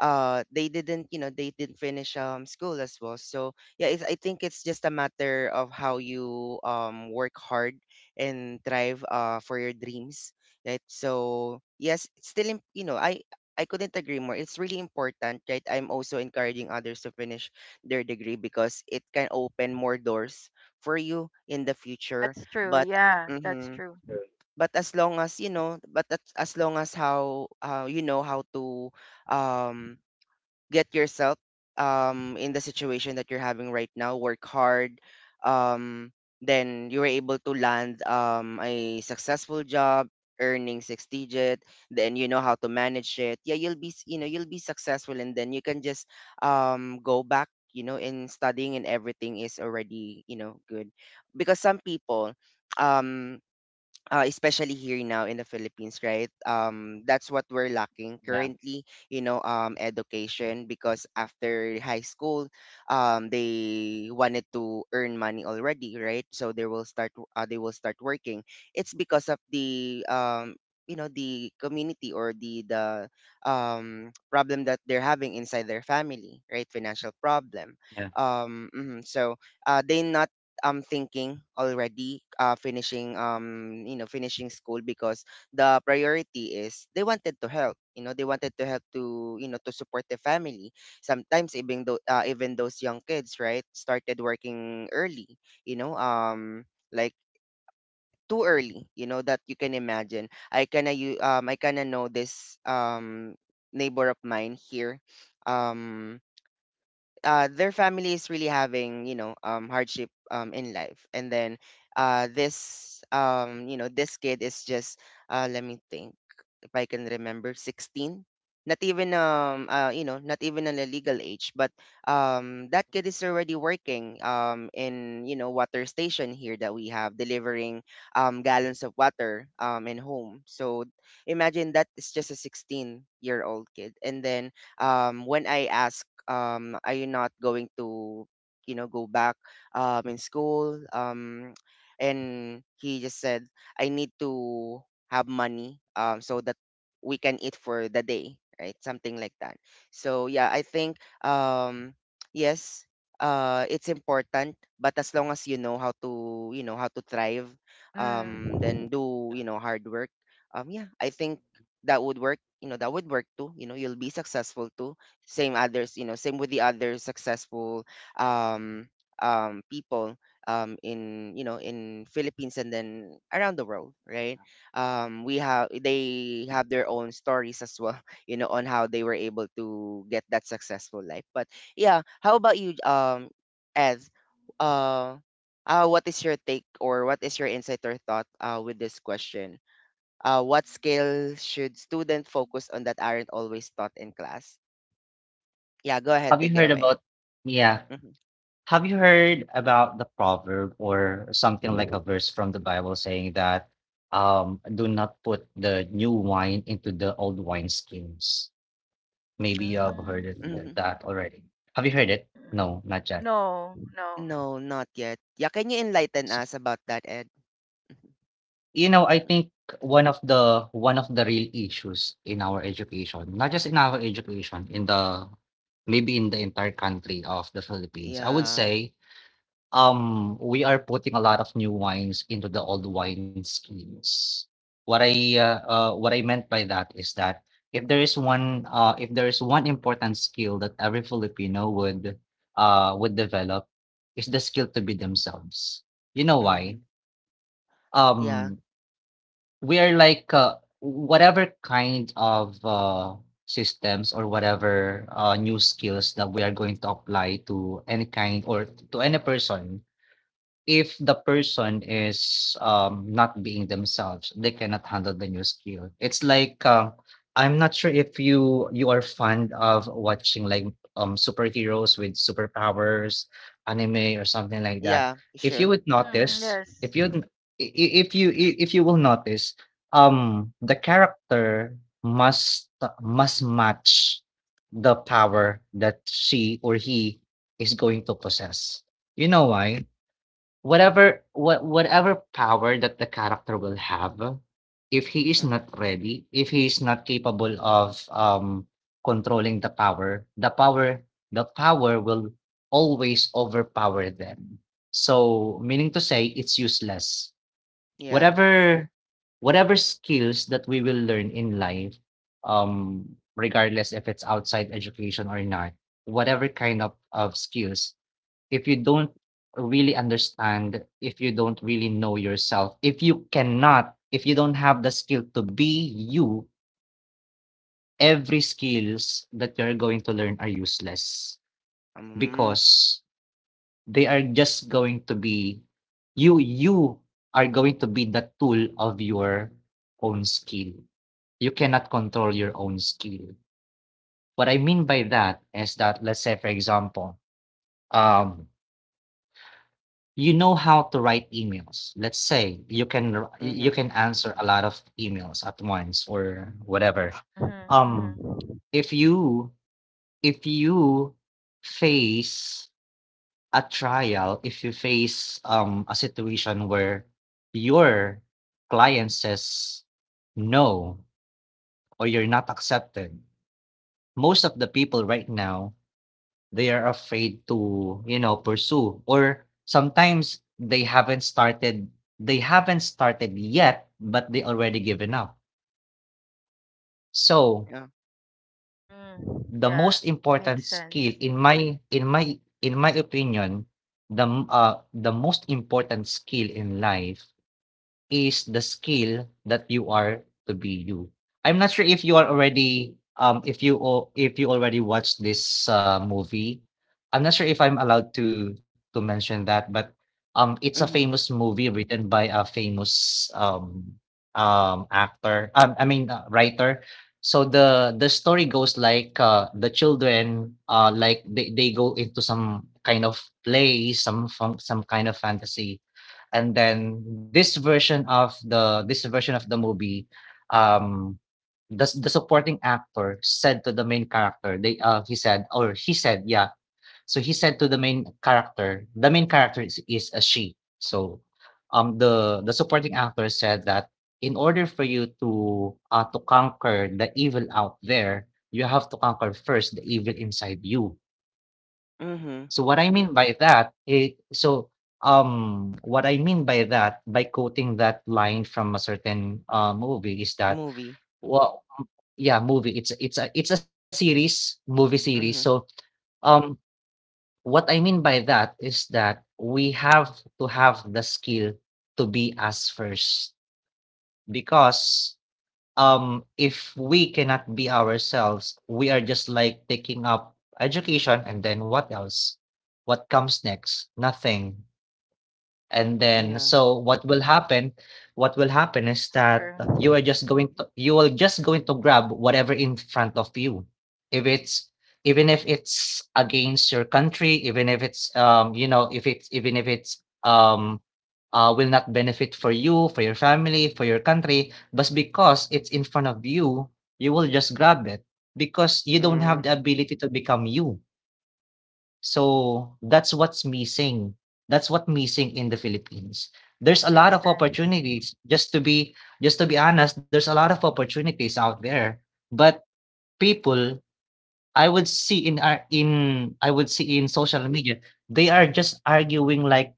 [SPEAKER 1] they didn't, they didn't finish school as well. So yeah, it's, I think it's just a matter of how you work hard and drive for your dreams. Right. So yes, it's still, you know, I. I couldn't agree more. It's really important, right? I'm also encouraging others to finish their degree because it can open more doors for you in the future.
[SPEAKER 2] That's true.
[SPEAKER 1] But
[SPEAKER 2] Yeah, that's
[SPEAKER 1] mm-hmm,
[SPEAKER 2] true.
[SPEAKER 1] but as long as as long as how you know how to um get yourself in the situation that you're having right now, work hard, um, then you are able to land a successful job earning six digit. Then you know how to manage it, yeah, you'll be you know, you'll be successful, and then you can just go back, you know, in studying, and everything is already, you know, good. Because some people um especially here now in the Philippines, right? That's what we're lacking
[SPEAKER 3] Yeah.
[SPEAKER 1] currently, education, because after high school, they wanted to earn money already, right? So they will start, they will start working. It's because of the, the community or the problem that they're having inside their family, right? Financial problem.
[SPEAKER 3] Yeah.
[SPEAKER 1] Mhm. So they not thinking already finishing you know finishing school, because the priority is they wanted to help, you know, they wanted to help to, you know, to support the family. Sometimes, even though even those young kids, right, started working early, you know um like too early, you know, that you can imagine. I kinda know this neighbor of mine here um their family is really having, you know, hardship in life. And then this you know, this kid is just let me think if I can remember, 16. Not even you know, not even an illegal age, but that kid is already working in, you know, water station here that we have, delivering gallons of water in home. So imagine that is just a 16-year-old kid, and then when I ask um, are you not going to, you know, go back in school um? And he just said, I need to have money so that we can eat for the day, right? Something like that. So yeah, I think um, yes, uh, it's important, but as long as you know how to, you know, how to thrive,
[SPEAKER 2] Mm.
[SPEAKER 1] then
[SPEAKER 3] Yeah.
[SPEAKER 1] do, you know, hard work. Um, yeah, I think that would work. You know, that would work too. You know, you'll be successful too. Same others, you know, same with the other successful um um people in, you know, in Philippines, and then around the world, right? Um, we have, they have their own stories as well you know on how they were able to get that successful life. But yeah, how about you ed, uh, what is your take, or what is your insight or thought with this question? Uh, what skills should student focus on that aren't always taught in class? Yeah, go ahead,
[SPEAKER 3] Have you
[SPEAKER 1] take it
[SPEAKER 3] heard
[SPEAKER 1] away.
[SPEAKER 3] about yeah.
[SPEAKER 1] Mhm.
[SPEAKER 3] Have you heard about the proverb or something like a verse from the Bible saying that do not put the new wine into the old wine skins? Maybe you have heard it,
[SPEAKER 2] Mm.
[SPEAKER 1] Mhm.
[SPEAKER 3] that already. Have you heard it? No,
[SPEAKER 2] Mm.
[SPEAKER 3] not yet.
[SPEAKER 2] No, no.
[SPEAKER 1] No, not yet. Yeah, can you enlighten us
[SPEAKER 3] S-
[SPEAKER 1] about that, ed?
[SPEAKER 3] you know, I think one of the real issues in our education, not just in our education, in the maybe in the entire country of the Philippines, I would
[SPEAKER 1] Yeah.
[SPEAKER 3] say, we are putting a lot of new wines into the old wine skins. What I meant by that is that if there is one important skill that every Filipino would develop, is the skill to be themselves. You know
[SPEAKER 1] Hmm.
[SPEAKER 3] why?
[SPEAKER 1] Yeah.
[SPEAKER 3] Um, we are like whatever kind of systems or whatever new skills that we are going to apply to any kind or to any person, if the person is, not being themselves, they cannot handle the new skill. It's like, I'm not sure if you are fond of watching, like, superheroes with superpowers, anime or something like that.
[SPEAKER 1] Yeah, sure.
[SPEAKER 2] Mm, yes.
[SPEAKER 3] If you n- I- if you will notice, the character must must match the power that she or he is going to possess. You know why? Whatever power that the character will have, if he is
[SPEAKER 1] Mhm.
[SPEAKER 3] not ready, if he is not capable of controlling the power will always overpower them. So, meaning to say, it's useless.
[SPEAKER 1] Yeah.
[SPEAKER 3] Whatever whatever skills that we will learn in life, um regardless if it's outside education or not, whatever kind of skills, if you don't really understand, if you don't really know yourself, if you cannot, if you don't have the skill to be you, every skills that you're going to learn are useless,
[SPEAKER 1] Mm,
[SPEAKER 3] because they are just going to be You are going to be the tool of your own skill. You cannot control your own skill. What I mean by that is that, let's say for example, um you know how to write emails. Let's say you can r- you
[SPEAKER 1] mhm,
[SPEAKER 3] can answer a lot of emails at once or whatever.
[SPEAKER 2] Mhm.
[SPEAKER 3] Um,
[SPEAKER 2] Mhm.
[SPEAKER 3] if you face a trial, if you face a situation where your client says no or you're not accepted, most of the people right now, they are afraid to pursue, or sometimes they haven't started yet but they already given up. So,
[SPEAKER 1] yeah,
[SPEAKER 2] Mm.
[SPEAKER 3] the
[SPEAKER 2] Yeah.
[SPEAKER 3] most important
[SPEAKER 2] Makes
[SPEAKER 3] skill,
[SPEAKER 2] sense.
[SPEAKER 3] in my opinion, the most important skill in life is the skill that you are to be you. I'm not sure if you are already if you al- if you already watched this movie. I'm not sure if I'm allowed to mention that, but it's a
[SPEAKER 1] mhm,
[SPEAKER 3] famous movie written by a famous actor. I mean, writer. So the story goes like, the children, like they go into some kind of play, some kind of fantasy. And then this version of the movie, um the supporting actor said to the main character, they he said to the main character. The main character is a she. So, the supporting actor said that, in order for you to conquer the evil out there, you have to conquer first the evil inside you.
[SPEAKER 1] mhm,
[SPEAKER 3] So, what I mean by that, by quoting that line from a certain movie, is that,
[SPEAKER 1] movie,
[SPEAKER 3] well, yeah, movie, it's a series, movie series. So,
[SPEAKER 1] mhm,
[SPEAKER 3] um, what I mean by that is that we have to have the skill to be us first, because, if we cannot be ourselves, we are just like taking up education, and then what else? What comes next? Nothing. And then,
[SPEAKER 1] yeah,
[SPEAKER 3] so what will happen is
[SPEAKER 2] That's
[SPEAKER 3] that, you
[SPEAKER 2] true.
[SPEAKER 3] are just going to, you will just going to grab whatever in front of you. If it's even if it's against your country, even if it's even if it's will not benefit for you, for your family, for your country, but because it's in front of you, you will just grab it, because you don't have
[SPEAKER 1] mm,
[SPEAKER 3] the ability to become you. So, that's what's missing. That's what missing in the Philippines. There's a lot
[SPEAKER 2] Makes
[SPEAKER 3] of
[SPEAKER 2] sense.
[SPEAKER 3] opportunities. Just to be honest, there's a lot of opportunities out there. But people, I would see in social media, they are just arguing like,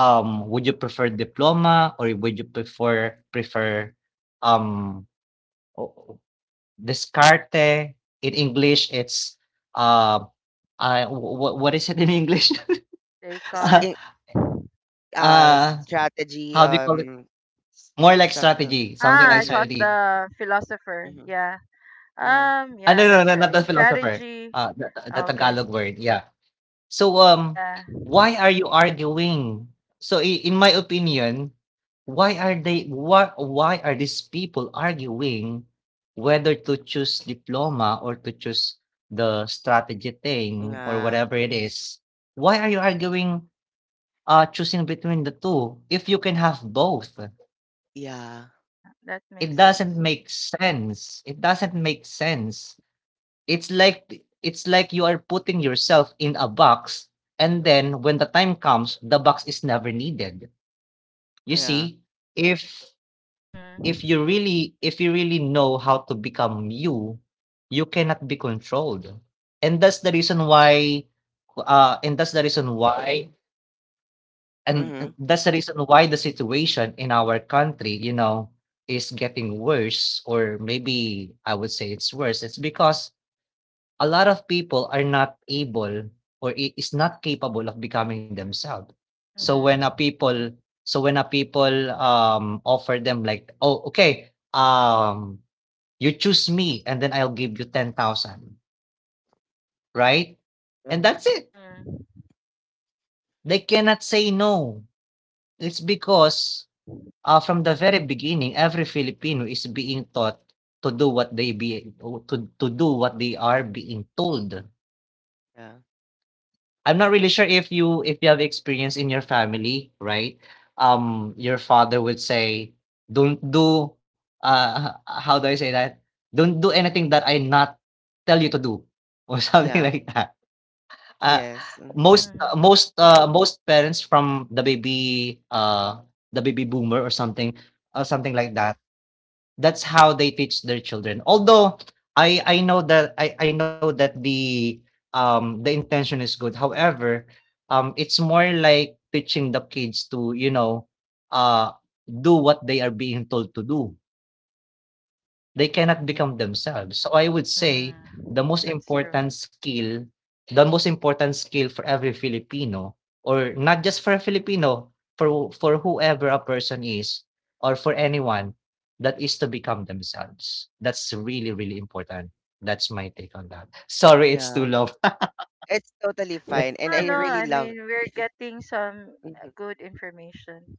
[SPEAKER 3] would you prefer diploma, or would you prefer um o- descarte? In English, it's uh, I wh- what is it in English?
[SPEAKER 1] sk-
[SPEAKER 2] Descartes.
[SPEAKER 1] in-
[SPEAKER 3] Ah,
[SPEAKER 1] strategy,
[SPEAKER 3] how do you call it? More like
[SPEAKER 1] something,
[SPEAKER 3] strategy, something
[SPEAKER 2] Ah,
[SPEAKER 3] like
[SPEAKER 2] I thought
[SPEAKER 1] mhm,
[SPEAKER 3] strategy.
[SPEAKER 2] the philosopher.
[SPEAKER 1] mhm,
[SPEAKER 2] Yeah.
[SPEAKER 1] yeah,
[SPEAKER 3] Ah,
[SPEAKER 2] Yeah.
[SPEAKER 3] no, no,
[SPEAKER 2] That's
[SPEAKER 3] no, not
[SPEAKER 2] right.
[SPEAKER 3] the philosopher.
[SPEAKER 2] Strategy.
[SPEAKER 3] The
[SPEAKER 2] Okay.
[SPEAKER 3] Tagalog word, yeah. So,
[SPEAKER 2] Yeah.
[SPEAKER 3] why are you arguing? So I in my opinion, why are these people arguing whether to choose diploma or to choose the strategy thing or
[SPEAKER 1] yeah,
[SPEAKER 3] whatever it is? Why are you arguing, choosing between the 2 if you can have both?
[SPEAKER 1] yeah,
[SPEAKER 2] Yeah, that
[SPEAKER 3] It
[SPEAKER 2] makes
[SPEAKER 3] doesn't
[SPEAKER 2] sense.
[SPEAKER 3] make sense. It doesn't make sense. It's like you are putting yourself in a box, and then when the time comes, the box is never needed. You
[SPEAKER 1] yeah,
[SPEAKER 3] see, if if
[SPEAKER 2] Mhm.
[SPEAKER 3] you really know how to become you, you cannot be controlled. And that's the reason why uh and that's the reason why and
[SPEAKER 1] mhm,
[SPEAKER 3] that's the reason why the situation in our country, is getting worse, or maybe I would say it's worse. It's because a lot of people are not able, or is not capable of becoming themselves. So when a
[SPEAKER 2] Mhm.
[SPEAKER 3] people, offer them, like, oh, okay, you choose me, and then I'll give you 10,000, right? And
[SPEAKER 1] mhm,
[SPEAKER 3] that's it.
[SPEAKER 2] Mm.
[SPEAKER 3] They cannot say no. It's because, ah, from the very beginning, every Filipino is being taught to do what they be, to do what they are being told.
[SPEAKER 1] yeah,
[SPEAKER 3] I'm not really sure if you have experience in your family, right? Your father would say, "Don't do," uh, h- how do I say that? "Don't do anything that I not tell you to do," or something
[SPEAKER 1] yeah,
[SPEAKER 3] like that. Uh,
[SPEAKER 1] yes, mm,
[SPEAKER 3] most uh,
[SPEAKER 2] Mhm.
[SPEAKER 3] most uh, most parents from the baby boomer or something, something like that, that's how they teach their children. Although I know that I know that the intention is good. However, it's more like teaching the kids to, uh do what they are being told to do. They cannot
[SPEAKER 1] yeah,
[SPEAKER 3] become themselves. So I would say
[SPEAKER 2] Mm.
[SPEAKER 3] the most
[SPEAKER 2] That's true.
[SPEAKER 3] important skill, the most important skill for every Filipino, or not just for a Filipino, for whoever a person is, or for anyone, that is to become themselves. That's really really important. That's my take on that. Sorry, it's too
[SPEAKER 1] yeah,
[SPEAKER 3] long.
[SPEAKER 1] it's totally
[SPEAKER 3] Yeah.
[SPEAKER 1] fine, and
[SPEAKER 2] No.
[SPEAKER 1] I
[SPEAKER 2] No.
[SPEAKER 1] really
[SPEAKER 2] I
[SPEAKER 1] love.
[SPEAKER 2] mean, we're getting some
[SPEAKER 1] Mm-hmm.
[SPEAKER 2] good information.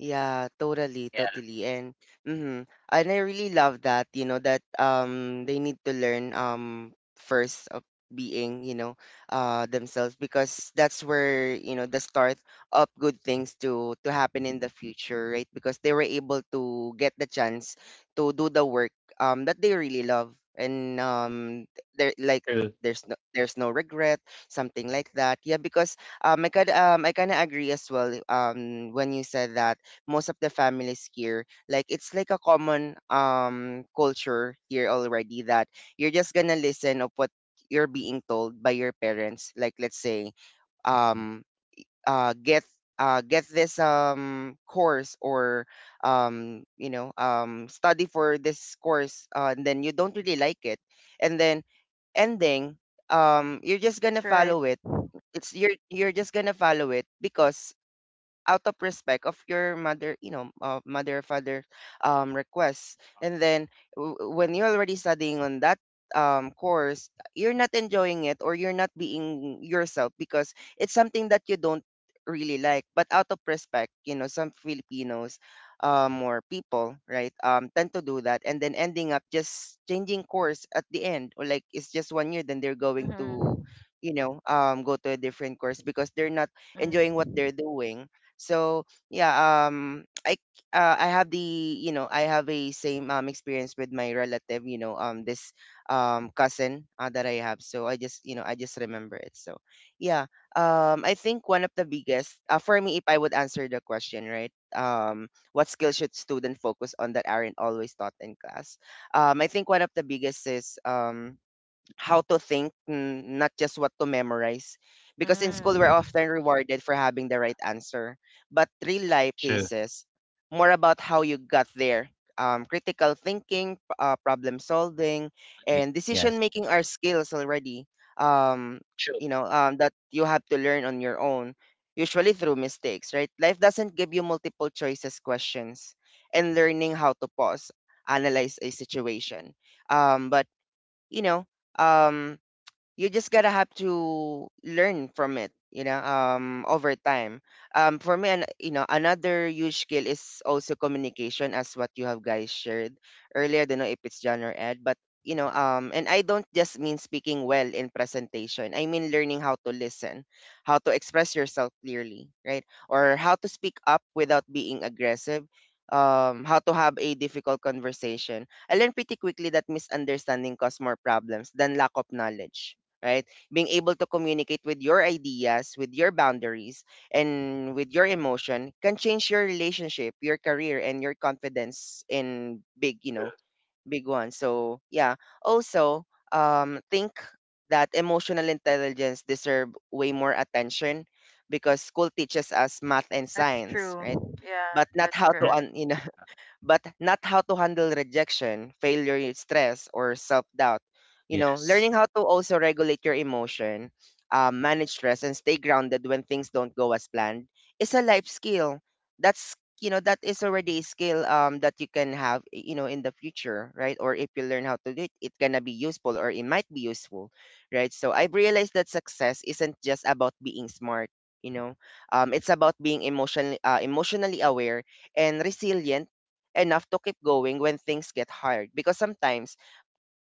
[SPEAKER 1] Yeah, totally,
[SPEAKER 3] Yeah.
[SPEAKER 1] totally. And mm-hmm. And I really love that, you know, that they need to learn first of being, you know, themselves, because that's where, you know, the start of good things to happen in the future, right? Because they were able to get the chance to do the work that they really love, and they're like
[SPEAKER 3] True.
[SPEAKER 1] there's no, there's no regret, something like that. Yeah, because I kind of agree as well when you said that most of the families here, like, it's like a common culture here already that you're just gonna listen of what you're being told by your parents. Like, let's say
[SPEAKER 3] Mm,
[SPEAKER 1] um uh get get this course, or you know study for this course and then you don't really like it, and then ending you're just gonna
[SPEAKER 2] That's right.
[SPEAKER 1] follow it. It's you're just gonna follow it because out of respect of your mother, you know, mother, father requests. And then when you're already studying on that course, you're not enjoying it, or you're not being yourself, because it's something that you don't really like. But out of respect, you know, some filipinos or people, right, tend to do that, and then ending up just changing course at the end, or like it's just one year then they're going to,
[SPEAKER 2] Mhm.
[SPEAKER 1] you know, go to a different course, because they're not enjoying what
[SPEAKER 2] Mhm.
[SPEAKER 1] they're doing. So yeah, I have the, you know, I have a same experience with my relative, you know, this cousin that I have. So I just, you know, I just remember it. So yeah, I think one of the biggest for me, if I would answer the question right, what skills should student focus on that aren't always taught in class? I think one of the biggest is how to think, not just what to memorize. Because in school, we're
[SPEAKER 2] Mm.
[SPEAKER 1] often rewarded for having the right answer. But real life
[SPEAKER 3] true.
[SPEAKER 1] cases, more about how you got there. Critical thinking, problem solving, and
[SPEAKER 3] Agree.
[SPEAKER 1] decision
[SPEAKER 3] Yes.
[SPEAKER 1] making are skills already. Um, you
[SPEAKER 3] True.
[SPEAKER 1] know that you have to learn on your own, usually through mistakes. Right? Life doesn't give you multiple choices questions, and learning how to pause, analyze a situation. But you know, um, you just gotta have to learn from it, you know, over time for me. And you know, another huge skill is also communication, as what you have guys shared earlier. I don't know if it's john or ed, but you know um, and I don't just mean speaking well in presentation. I mean learning how to listen, how to express yourself clearly, right, or how to speak up without being aggressive, how to have a difficult conversation. I learned pretty quickly that misunderstanding cause more problems than lack of knowledge, right? Being able to communicate with your ideas, with your boundaries, and with your emotion can change your relationship, your career, and your confidence in big, you know, big ones. So yeah. Also, think that emotional intelligence deserve way more attention, because school teaches us math and
[SPEAKER 2] That's
[SPEAKER 1] science, right?
[SPEAKER 2] true. Yeah,
[SPEAKER 1] But not
[SPEAKER 2] that's
[SPEAKER 1] how to
[SPEAKER 3] Mm,
[SPEAKER 2] correct.
[SPEAKER 1] you know, but not how to handle rejection, failure, stress, or self doubt. You know, learning
[SPEAKER 3] yes.
[SPEAKER 1] how to also regulate your emotion, manage stress, and stay grounded when things don't go as planned is a life skill. That's that is already a skill, that you can have in the future, right? Or if you learn how to do it, it's gonna be useful, or it might be useful. Right, so I've realized that success isn't just about being smart, you know. It's about being emotionally emotionally aware and resilient enough to keep going when things get hard, because sometimes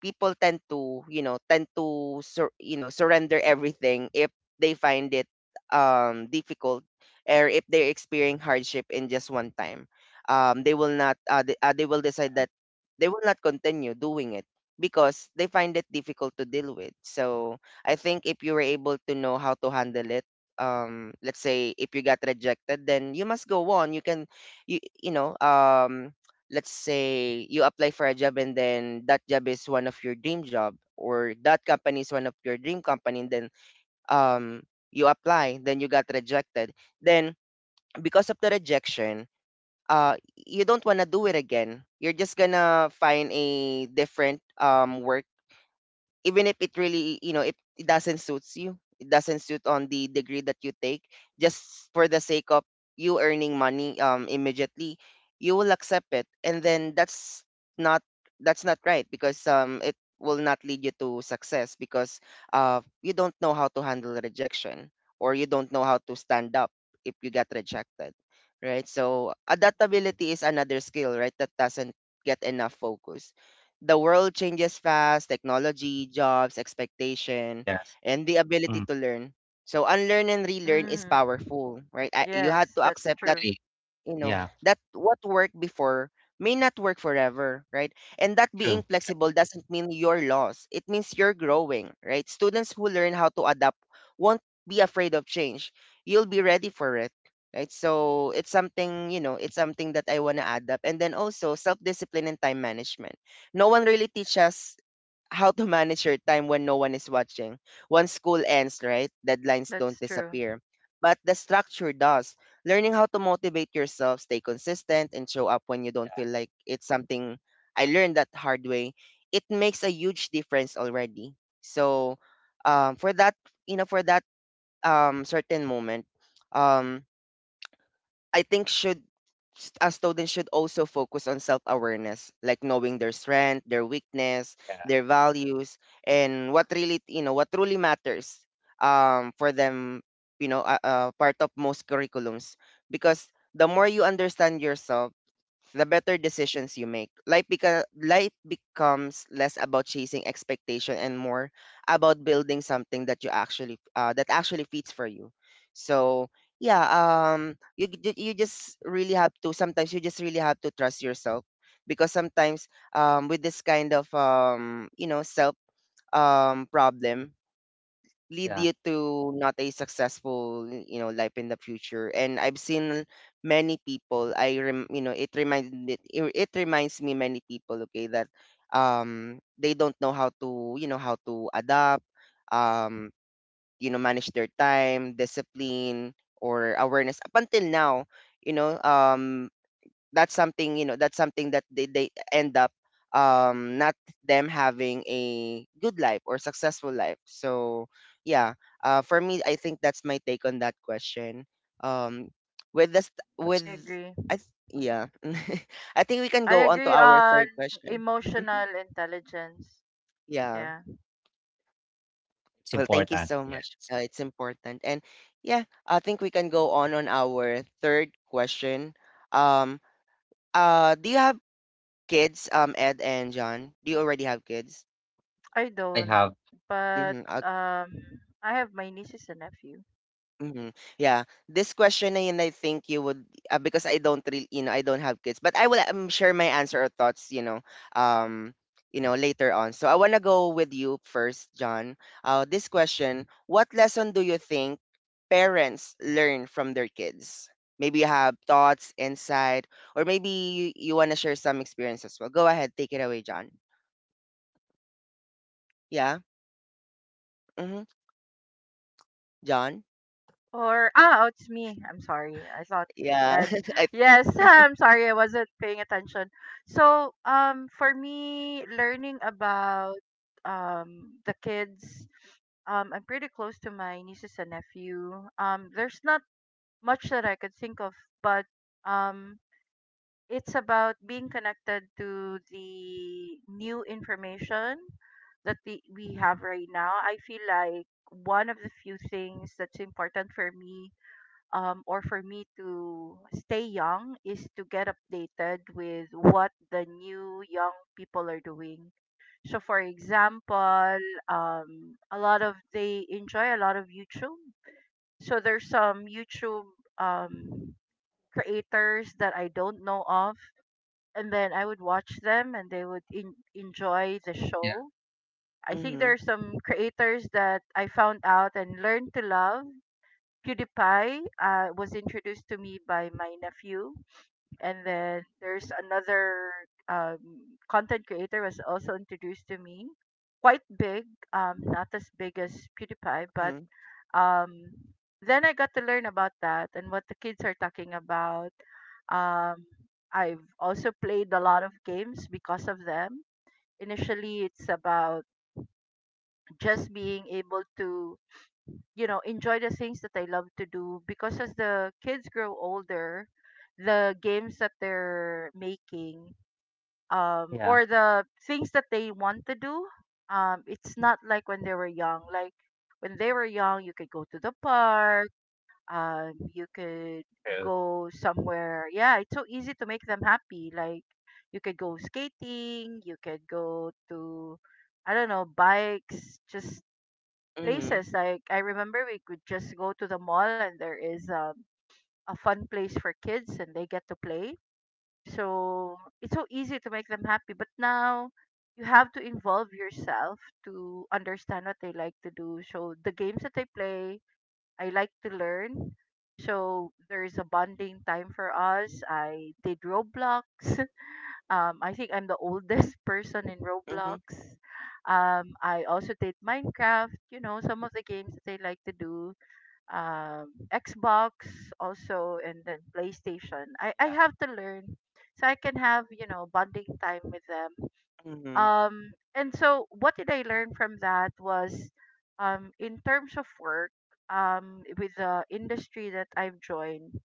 [SPEAKER 1] people tend to surrender everything if they find it difficult, or if they're experiencing hardship in just one time. They will not they will decide that they will not continue doing it because they find it difficult to deal with. So I think if you were able to know how to handle it, let's say if you got rejected, then you must go on. You can you you know um let's say you apply for a job, and then that job is one of your dream job, or that company is one of your dream company, and then um you apply, then you got rejected. Then because of the rejection, you don't want to do it again. You're just gonna find a different work, even if it really, if it doesn't suits you, it doesn't suit on the degree that you take, just for the sake of you earning money, immediately you will accept it. And then that's not, that's not right, because it will not lead you to success, because you don't know how to handle rejection, or you don't know how to stand up if you get rejected. Right, so adaptability is another skill, right, that doesn't get enough focus. The world changes fast: technology, jobs, expectation,
[SPEAKER 3] Yes.
[SPEAKER 1] and the ability to
[SPEAKER 3] Mm,
[SPEAKER 1] learn. So unlearn and relearn is
[SPEAKER 2] Mm.
[SPEAKER 1] powerful, right? I, you had
[SPEAKER 2] Yes,
[SPEAKER 1] to
[SPEAKER 2] that's
[SPEAKER 1] accept that,
[SPEAKER 2] true.
[SPEAKER 3] agree.
[SPEAKER 1] you know,
[SPEAKER 3] Yeah.
[SPEAKER 1] that what worked before may not work forever, right? And that being
[SPEAKER 3] True.
[SPEAKER 1] flexible doesn't mean you're lost, it means you're growing. Right, students who learn how to adapt won't be afraid of change, you'll be ready for it. Right, so it's something, it's something that I want to add up. And then also self-discipline and time management. No one really teaches how to manage your time when no one is watching. Once school ends, right? Deadlines don't
[SPEAKER 2] That's true.
[SPEAKER 1] disappear, but the structure does. Learning how to motivate yourself, stay consistent, and show up when you don't feel like it's something I learned that hard way. It makes a huge difference already. So, for that, for that certain moment, um, I think should a student should also focus on self-awareness, like knowing their strength, their weakness,
[SPEAKER 3] Yeah.
[SPEAKER 1] their values, and what really, what truly matters for them. You know, part of most curriculums. Because the more you understand yourself, the better decisions you make. Life life becomes less about chasing expectation and more about building something that you actually that actually fits for you. So yeah, you you just really have to, sometimes you just really have to trust yourself. Because sometimes with this kind of you know self problem lead you
[SPEAKER 3] Yeah.
[SPEAKER 1] to not a successful, you know, life in the future. And I've seen many people. You know, it reminds me, it reminds me many people, okay, that they don't know how to, you know, how to adapt, um you know, manage their time, discipline, or awareness up until now. You know, that's something, you know, that's something that they end up not them having a good life or successful life. So yeah, for me, I think that's my take on that question. Um with this with
[SPEAKER 2] I
[SPEAKER 3] That's
[SPEAKER 2] agree.
[SPEAKER 1] yeah. I think we can
[SPEAKER 2] I
[SPEAKER 1] go on to
[SPEAKER 2] agree
[SPEAKER 1] our
[SPEAKER 2] on
[SPEAKER 1] third question. Mhm.
[SPEAKER 2] emotional intelligence.
[SPEAKER 1] Yeah.
[SPEAKER 2] Yeah.
[SPEAKER 3] It's
[SPEAKER 1] Well, thank you
[SPEAKER 3] important.
[SPEAKER 1] so
[SPEAKER 3] Yeah.
[SPEAKER 1] much. It's important. And yeah, I think we can go on our third question. Um, do you have kids, Ed and John? Do you already have kids?
[SPEAKER 2] I
[SPEAKER 3] I
[SPEAKER 2] don't,
[SPEAKER 3] have.
[SPEAKER 2] but
[SPEAKER 1] Mm-hmm.
[SPEAKER 2] I have my nieces and nephew.
[SPEAKER 1] Mhm. Yeah. This question na yun, I think you would because I don't really, you know, I don't have kids, but I will share my answer or thoughts, um, later on. So I want to go with you first, John. This question: what lesson do you think parents learn from their kids? Maybe you have thoughts, insight, or maybe you want to share some experience as well. Go ahead, take it away, John. Yeah. Mm-hmm. John.
[SPEAKER 2] Or ah, oh, it's me. I'm sorry. I thought
[SPEAKER 1] Yeah.
[SPEAKER 2] and
[SPEAKER 1] I.
[SPEAKER 2] Yes, I'm sorry. I wasn't paying attention. So for me, learning about the kids, I'm pretty close to my nieces and nephew. There's not much that I could think of, but um, it's about being connected to the new information that we have right now. I feel like one of the few things that's important for me, or for me to stay young, is to get updated with what the new young people are doing. So, for example, a lot of they enjoy a lot of YouTube. So there's some YouTube um, creators that I don't know of, and then I would watch them, and they would enjoy the
[SPEAKER 3] Yeah,
[SPEAKER 2] show. I think there
[SPEAKER 1] Mm-hmm.
[SPEAKER 2] are some creators that I found out and learned to love. PewDiePie, was introduced to me by my nephew, and then there's another, um, content creator was also introduced to me. Quite big, not as big as PewDiePie, but
[SPEAKER 1] Mm-hmm.
[SPEAKER 2] um, then I got to learn about that and what the kids are talking about. Um, I've also played a lot of games because of them. Initially, it's about just being able to, you know, enjoy the things that I love to do, because as the kids grow older the games that they're making,
[SPEAKER 3] yeah,
[SPEAKER 2] or the things that they want to do, it's not like when they were young. Like when they were young, you could go to the park, you could
[SPEAKER 3] true.
[SPEAKER 2] go somewhere. Yeah, it's so easy to make them happy. Like you could go skating, you could go to, I don't know, bikes, just
[SPEAKER 1] Mm-hmm.
[SPEAKER 2] places. Like I remember we could just go to the mall and there is a fun place for kids and they get to play. So it's so easy to make them happy. But now you have to involve yourself to understand what they like to do. So the games that they play, I like to learn. So there is a bonding time for us. I did Roblox. Um, I think I'm the oldest person in
[SPEAKER 1] Mm-hmm.
[SPEAKER 2] Roblox. I also did Minecraft, you know, some of the games that they like to do. Xbox also, and then PlayStation. I
[SPEAKER 3] Yeah,
[SPEAKER 2] have to learn so I can have, you know, bonding time with them.
[SPEAKER 1] Mm-hmm.
[SPEAKER 2] And so what did I learn from that was, in terms of work, with the industry that I've joined,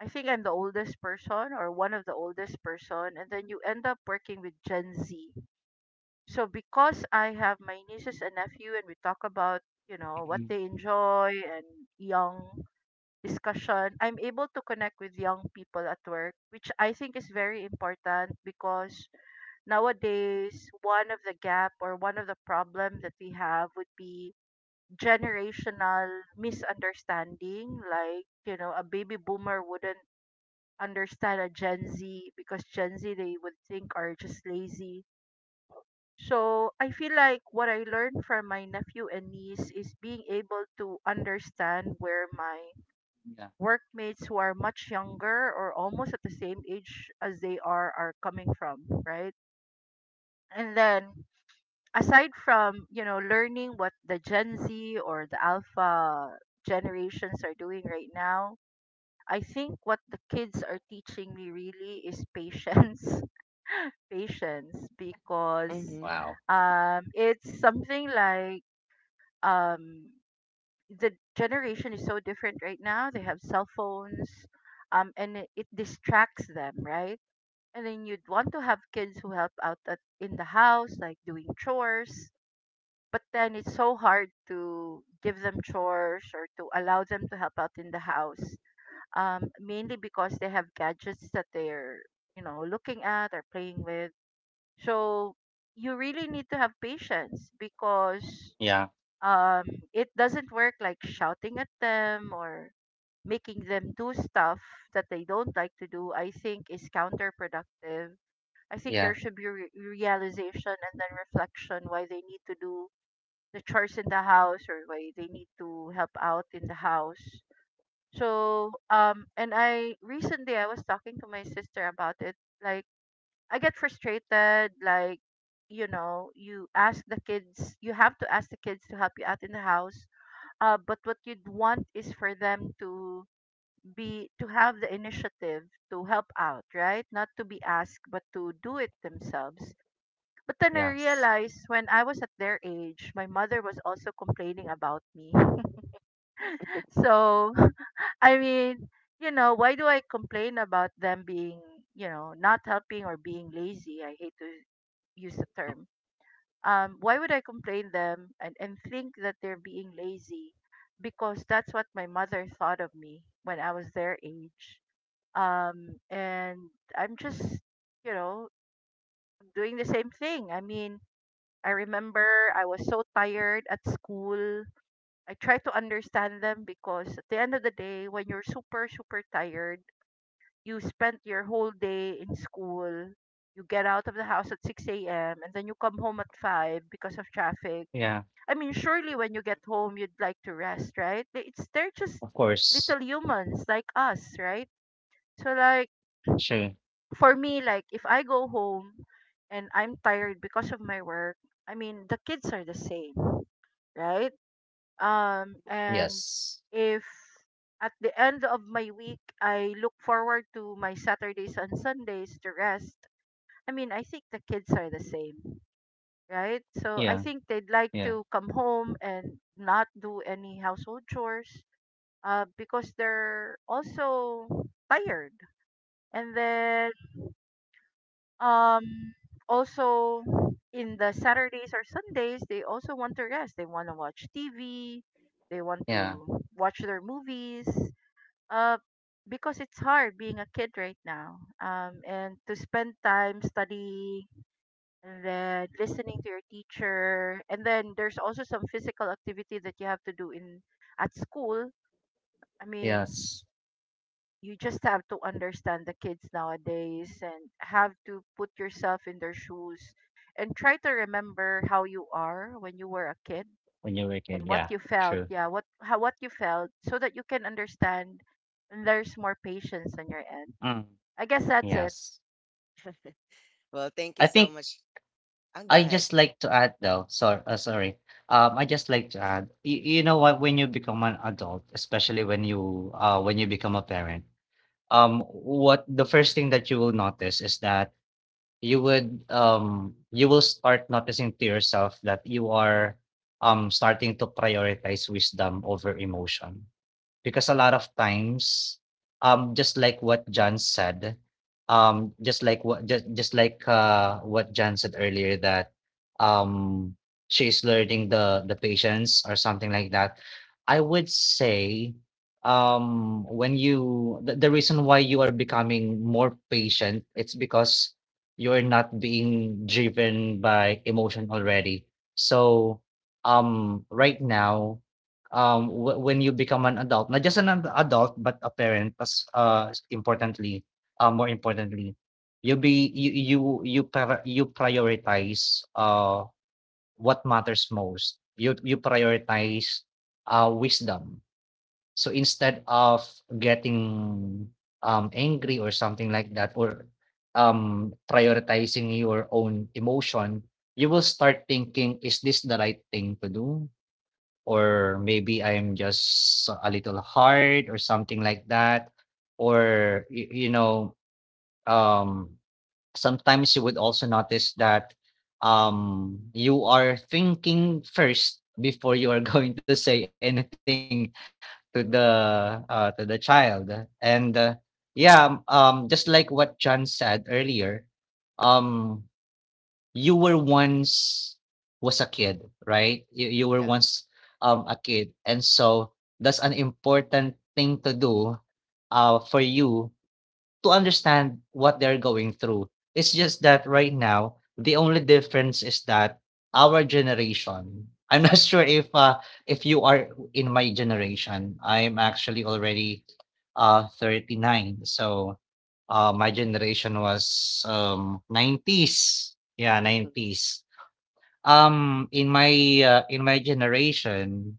[SPEAKER 2] I think I'm the oldest person or one of the oldest person, and then you end up working with Gen Z. So because I have my nieces and nephew, and we talk about, you know, what
[SPEAKER 3] mhm,
[SPEAKER 2] they enjoy and young discussion, I'm able to connect with young people at work, which I think is very important because nowadays one of the gap or one of the problem that we have would be generational misunderstanding. Like, you know, a baby boomer wouldn't understand a Gen Z because Gen Z they would think are just lazy. So I feel like what I learned from my nephew and niece is being able to understand where my
[SPEAKER 3] yeah.
[SPEAKER 2] workmates, who are much younger or almost at the same age as they are coming from, right? And then aside from, you know, learning what the Gen Z or the alpha generations are doing right now, I think what the kids are teaching me really is patience. Patience, because
[SPEAKER 1] Mm-hmm.
[SPEAKER 3] Wow.
[SPEAKER 2] it's something like, um, the generation is so different right now. They have cell phones, and it distracts them, right? And then you'd want to have kids who help out at, in the house, like doing chores. But then it's so hard to give them chores or to allow them to help out in the house, mainly because they have gadgets that they're, you know, looking at or playing with. So you really need to have patience because,
[SPEAKER 3] Yeah,
[SPEAKER 2] um, it doesn't work like shouting at them or making them do stuff that they don't like to do. I think is counterproductive. I think there
[SPEAKER 3] yeah,
[SPEAKER 2] should be realization and then reflection why they need to do the chores in the house or why they need to help out in the house. So and I recently I was talking to my sister about it. Like I get frustrated. Like, you know, you ask the kids, you have to ask the kids to help you out in the house. But what you'd want is for them to be to have the initiative to help out, right? Not to be asked, but to do it themselves. But then I
[SPEAKER 3] yes.
[SPEAKER 2] realized when I was at their age, my mother was also complaining about me. So I mean, you know, why do I complain about them being, you know, not helping or being lazy? I hate to use the term. Um, why would I complain them and think that they're being lazy? Because that's what my mother thought of me when I was their age. And I'm just, you know, doing the same thing. I mean, I remember I was so tired at school. I try to understand them because at the end of the day, when you're super, super tired, you spent your whole day in school. You get out of the house at 6 a.m. and then you come home at 5 because of traffic.
[SPEAKER 3] Yeah,
[SPEAKER 2] I mean, surely when you get home, you'd like to rest, right? They- It's they're just
[SPEAKER 3] of course.
[SPEAKER 2] little humans like us, right? So like
[SPEAKER 3] Sure.
[SPEAKER 2] for me, like if I go home and I'm tired because of my work, I mean the kids are the same, right? And
[SPEAKER 3] Yes.
[SPEAKER 2] if at the end of my week I look forward to my Saturdays and Sundays to rest, I mean I think the kids are the same, right? So I
[SPEAKER 3] Yeah,
[SPEAKER 2] think they'd like
[SPEAKER 3] yeah,
[SPEAKER 2] to come home and not do any household chores, because they're also tired. And then um, also in the Saturdays or Sundays, they also want to rest. They want to watch TV. They want
[SPEAKER 3] yeah,
[SPEAKER 2] to watch their movies. Uh, because it's hard being a kid right now, and to spend time studying and then listening to your teacher and then there's also some physical activity that you have to do in at school. i mean
[SPEAKER 3] yes.
[SPEAKER 2] you just have to understand the kids nowadays and have to put yourself in their shoes and try to remember how you are when you were a kid
[SPEAKER 3] When you were a kid,
[SPEAKER 2] and what
[SPEAKER 3] yeah,
[SPEAKER 2] you felt.
[SPEAKER 3] true.
[SPEAKER 2] What you felt, so that you can understand, and there's more patience on your end.
[SPEAKER 3] Mm,
[SPEAKER 2] I guess that's it.
[SPEAKER 3] yes.
[SPEAKER 1] Well, thank
[SPEAKER 3] I
[SPEAKER 1] you so
[SPEAKER 3] think.
[SPEAKER 1] much. And go
[SPEAKER 3] I
[SPEAKER 1] ahead.
[SPEAKER 3] just like to add though, Sorry. I just like to add, you know what, when you become an adult, especially when you become a parent, what the first thing that you will notice is that you will start noticing to yourself that you are starting to prioritize wisdom over emotion. Because a lot of times, just like what John said, just like what John said earlier, that um she's learning the patience or something like that. I would say, when you the reason why you are becoming more patient, it's because you're not being driven by emotion already. So, right now, when you become an adult, not just adult, but a parent, as importantly more importantly, you'll be you you you prioritize what matters most. You prioritize wisdom. So, instead of getting angry or something like that, or prioritizing your own emotion, you will start thinking, "Is this the right thing to do? Or maybe I'm just a little hard," or something like that. Or, um, sometimes you would also notice that you are thinking first before you are going to say anything to the child. And, yeah, just like what John said earlier, um, you were once was a kid, right? You were
[SPEAKER 1] Yeah.
[SPEAKER 3] once a kid, and so that's an important thing to do for you to understand what they're going through. It's just that right now, the only difference is that our generation — I'm not sure if you are in my generation. I'm actually already 39. So, my generation was 90s. Yeah,
[SPEAKER 1] Hmm.
[SPEAKER 3] 90s. Um in my in my generation,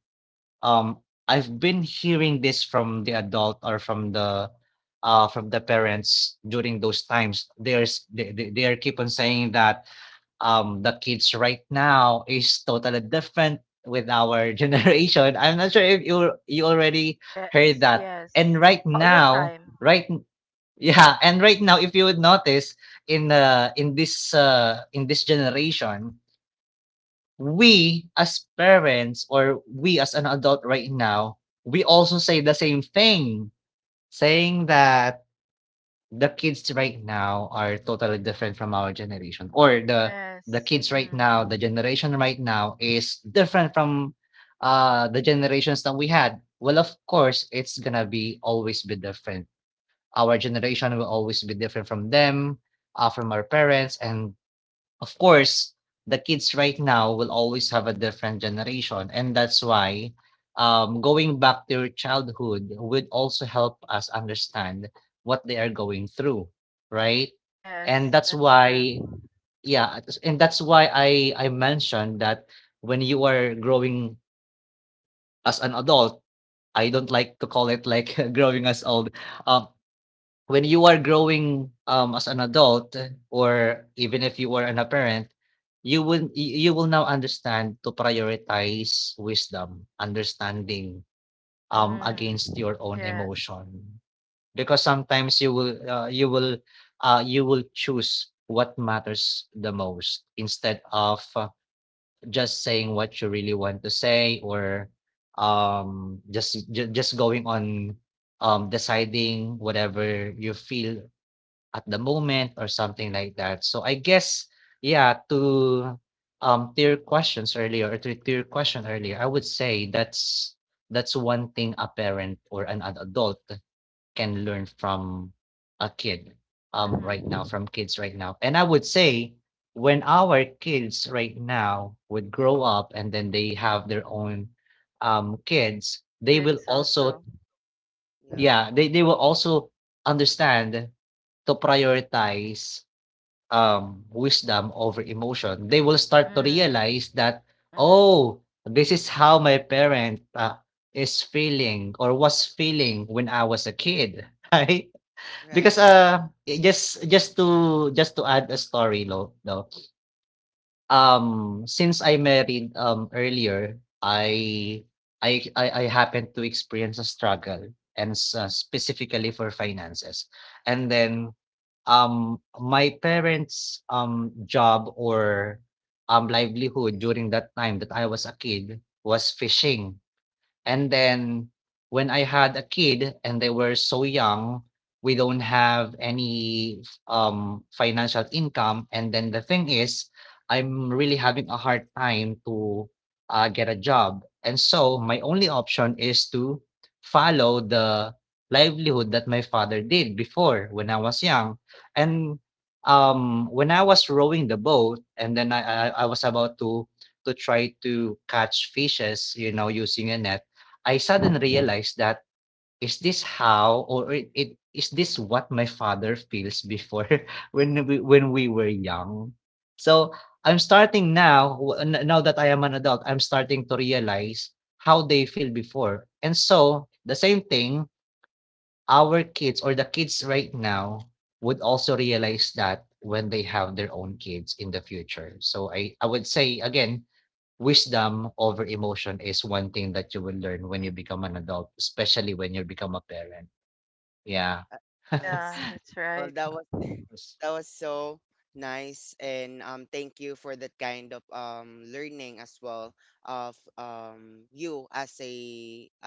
[SPEAKER 3] um, I've been hearing this from the adult, or from the parents during those times. There's they are keep on saying that the kids right now is totally different with our generation. I'm not sure if you already heard
[SPEAKER 2] Yes,
[SPEAKER 3] that. And
[SPEAKER 2] yes,
[SPEAKER 3] right
[SPEAKER 2] all the
[SPEAKER 1] Yeah.
[SPEAKER 3] now,
[SPEAKER 2] time.
[SPEAKER 3] right n- yeah, and right now, if you would notice in this generation, we as parents, or we as an adult right now, we also say the same thing, saying that the kids right now are totally different from our generation, or the
[SPEAKER 2] Yes.
[SPEAKER 3] kids right
[SPEAKER 2] Mm.
[SPEAKER 3] now, the generation right now is different from the generations that we had. Well, of course, it's gonna be always be different. Our generation will always be different from them, from our parents, and of course, the kids right now will always have a different generation, and that's why, going back to your childhood would also help us understand what they are going through, right? And
[SPEAKER 2] Yes,
[SPEAKER 3] that's
[SPEAKER 2] that's true.
[SPEAKER 3] why, yeah, it's- and that's why I mentioned that when you are growing as an adult — I don't like to call it like growing as old. Um, when you are growing as an adult, or even if you are an a parent, you will now understand to prioritize wisdom, understanding
[SPEAKER 2] Mm.
[SPEAKER 3] against your own
[SPEAKER 2] Yes.
[SPEAKER 3] emotion. Because sometimes you will choose what matters the most instead of just saying what you really want to say, or just going on, deciding whatever you feel at the moment or something like that. So I guess, yeah, to your questions earlier, or to your question earlier, I would say that's one thing a parent or an adult can learn from a kid right now,
[SPEAKER 2] Mm-hmm.
[SPEAKER 3] from kids right now. And I would say, when our kids right now would grow up and then they have their own kids, they will
[SPEAKER 2] Kids
[SPEAKER 3] also —
[SPEAKER 2] also.
[SPEAKER 1] Yeah.
[SPEAKER 3] yeah, they will also understand to prioritize wisdom over emotion. They will start to
[SPEAKER 2] Mm.
[SPEAKER 3] realize that,
[SPEAKER 2] Mm-hmm.
[SPEAKER 3] "Oh, this is how my parent is feeling or was feeling when I was a kid," right? Because
[SPEAKER 1] Right.
[SPEAKER 3] just to add a story, lo, no. Since I married, earlier, I happened to experience a struggle, and s specifically for finances. And then, my parents', job, or, livelihood during that time that I was a kid was fishing. And then when I had a kid and they were so young, we don't have any financial income. And then the thing is, I'm really having a hard time to get a job. And so my only option is to follow the livelihood that my father did before when I was young. And, when I was rowing the boat, and then I was about to try to catch fishes, using a net, I suddenly
[SPEAKER 2] Mm-hmm.
[SPEAKER 3] realized that, is this how, or it is this what my father feels before, when we were young? So, I'm starting now w n now that I am an adult, I'm starting to realize how they feel before. And so, the same thing, our kids or the kids right now would also realize that when they have their own kids in the future. So I would say again, wisdom over emotion is one thing that you will learn when you become an adult, especially when you become a parent. Yeah.
[SPEAKER 1] I, I
[SPEAKER 2] Yeah,
[SPEAKER 1] see.
[SPEAKER 2] that's
[SPEAKER 1] Well,
[SPEAKER 2] right.
[SPEAKER 1] that was,
[SPEAKER 3] Yes.
[SPEAKER 1] that was so nice, and thank you for that kind of learning as well of you as a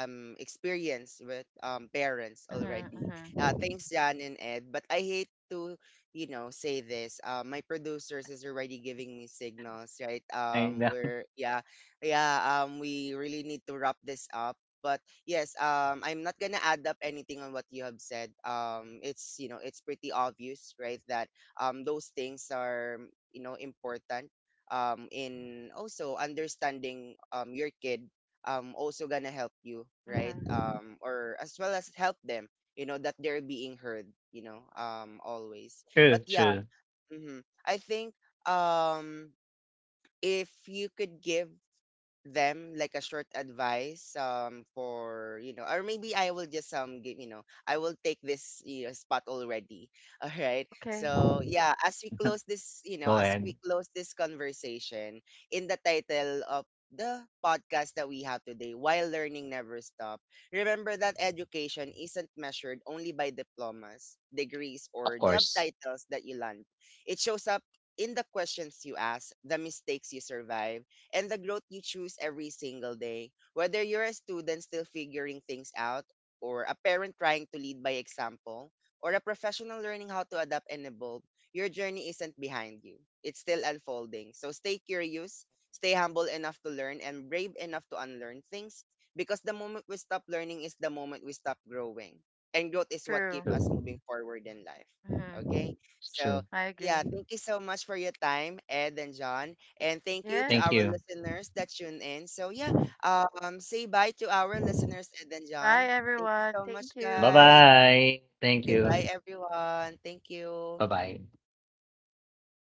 [SPEAKER 1] experience with parents already.
[SPEAKER 2] Mm-hmm.
[SPEAKER 1] Uh,
[SPEAKER 2] Mm-hmm.
[SPEAKER 1] thanks Jan and Ed, but I hate to, you know, say this. My producers is already giving me signals, right?
[SPEAKER 3] I
[SPEAKER 1] Um,
[SPEAKER 3] know.
[SPEAKER 1] we're yeah, yeah, we really need to wrap this up. But yes, I'm not gonna add up anything on what you have said. It's, you know, it's pretty obvious, right? That those things are, you know, important. In also understanding your kid, also gonna help you, right?
[SPEAKER 2] Mm-hmm.
[SPEAKER 1] Or as well as help them, you know, that they're being heard, always.
[SPEAKER 3] True,
[SPEAKER 1] But yeah,
[SPEAKER 3] true.
[SPEAKER 1] mm-hmm. I think um, if you could give them like a short advice, for, you know, or maybe I will just give, you know, I will take this, you know, spot already. All right,
[SPEAKER 2] Okay,
[SPEAKER 1] so yeah,
[SPEAKER 3] Go
[SPEAKER 1] as
[SPEAKER 3] ahead.
[SPEAKER 1] we close this conversation, in the title of the podcast that we have today, while learning never stop, remember that education isn't measured only by diplomas, degrees,
[SPEAKER 3] Of
[SPEAKER 1] or job
[SPEAKER 3] course.
[SPEAKER 1] titles that you land. It shows up in the questions you ask, the mistakes you survive, and the growth you choose every single day. Whether you're a student still figuring things out, or a parent trying to lead by example, or a professional learning how to adapt and evolve, your journey isn't behind you. It's still unfolding. So stay curious, stay humble enough to learn, and brave enough to unlearn things, because the moment we stop learning is the moment we stop growing. And growth is what keeps
[SPEAKER 3] True.
[SPEAKER 1] us
[SPEAKER 2] true.
[SPEAKER 1] moving forward in life.
[SPEAKER 2] Mm-hmm.
[SPEAKER 1] Okay?
[SPEAKER 3] It's
[SPEAKER 1] So
[SPEAKER 3] true.
[SPEAKER 2] I agree.
[SPEAKER 1] yeah, thank you so much for your time, Ed and John. And thank you to
[SPEAKER 2] Yes.
[SPEAKER 3] Thank
[SPEAKER 1] our
[SPEAKER 3] you.
[SPEAKER 1] listeners that tune in. So yeah, say bye to our listeners, Ed and
[SPEAKER 2] Bye,
[SPEAKER 1] John. Thank you
[SPEAKER 2] everyone.
[SPEAKER 1] so
[SPEAKER 2] Thank
[SPEAKER 1] much,
[SPEAKER 3] Bye
[SPEAKER 1] guys.
[SPEAKER 2] you.
[SPEAKER 3] bye. Thank you.
[SPEAKER 1] Goodbye, everyone. Thank you.
[SPEAKER 3] Bye bye.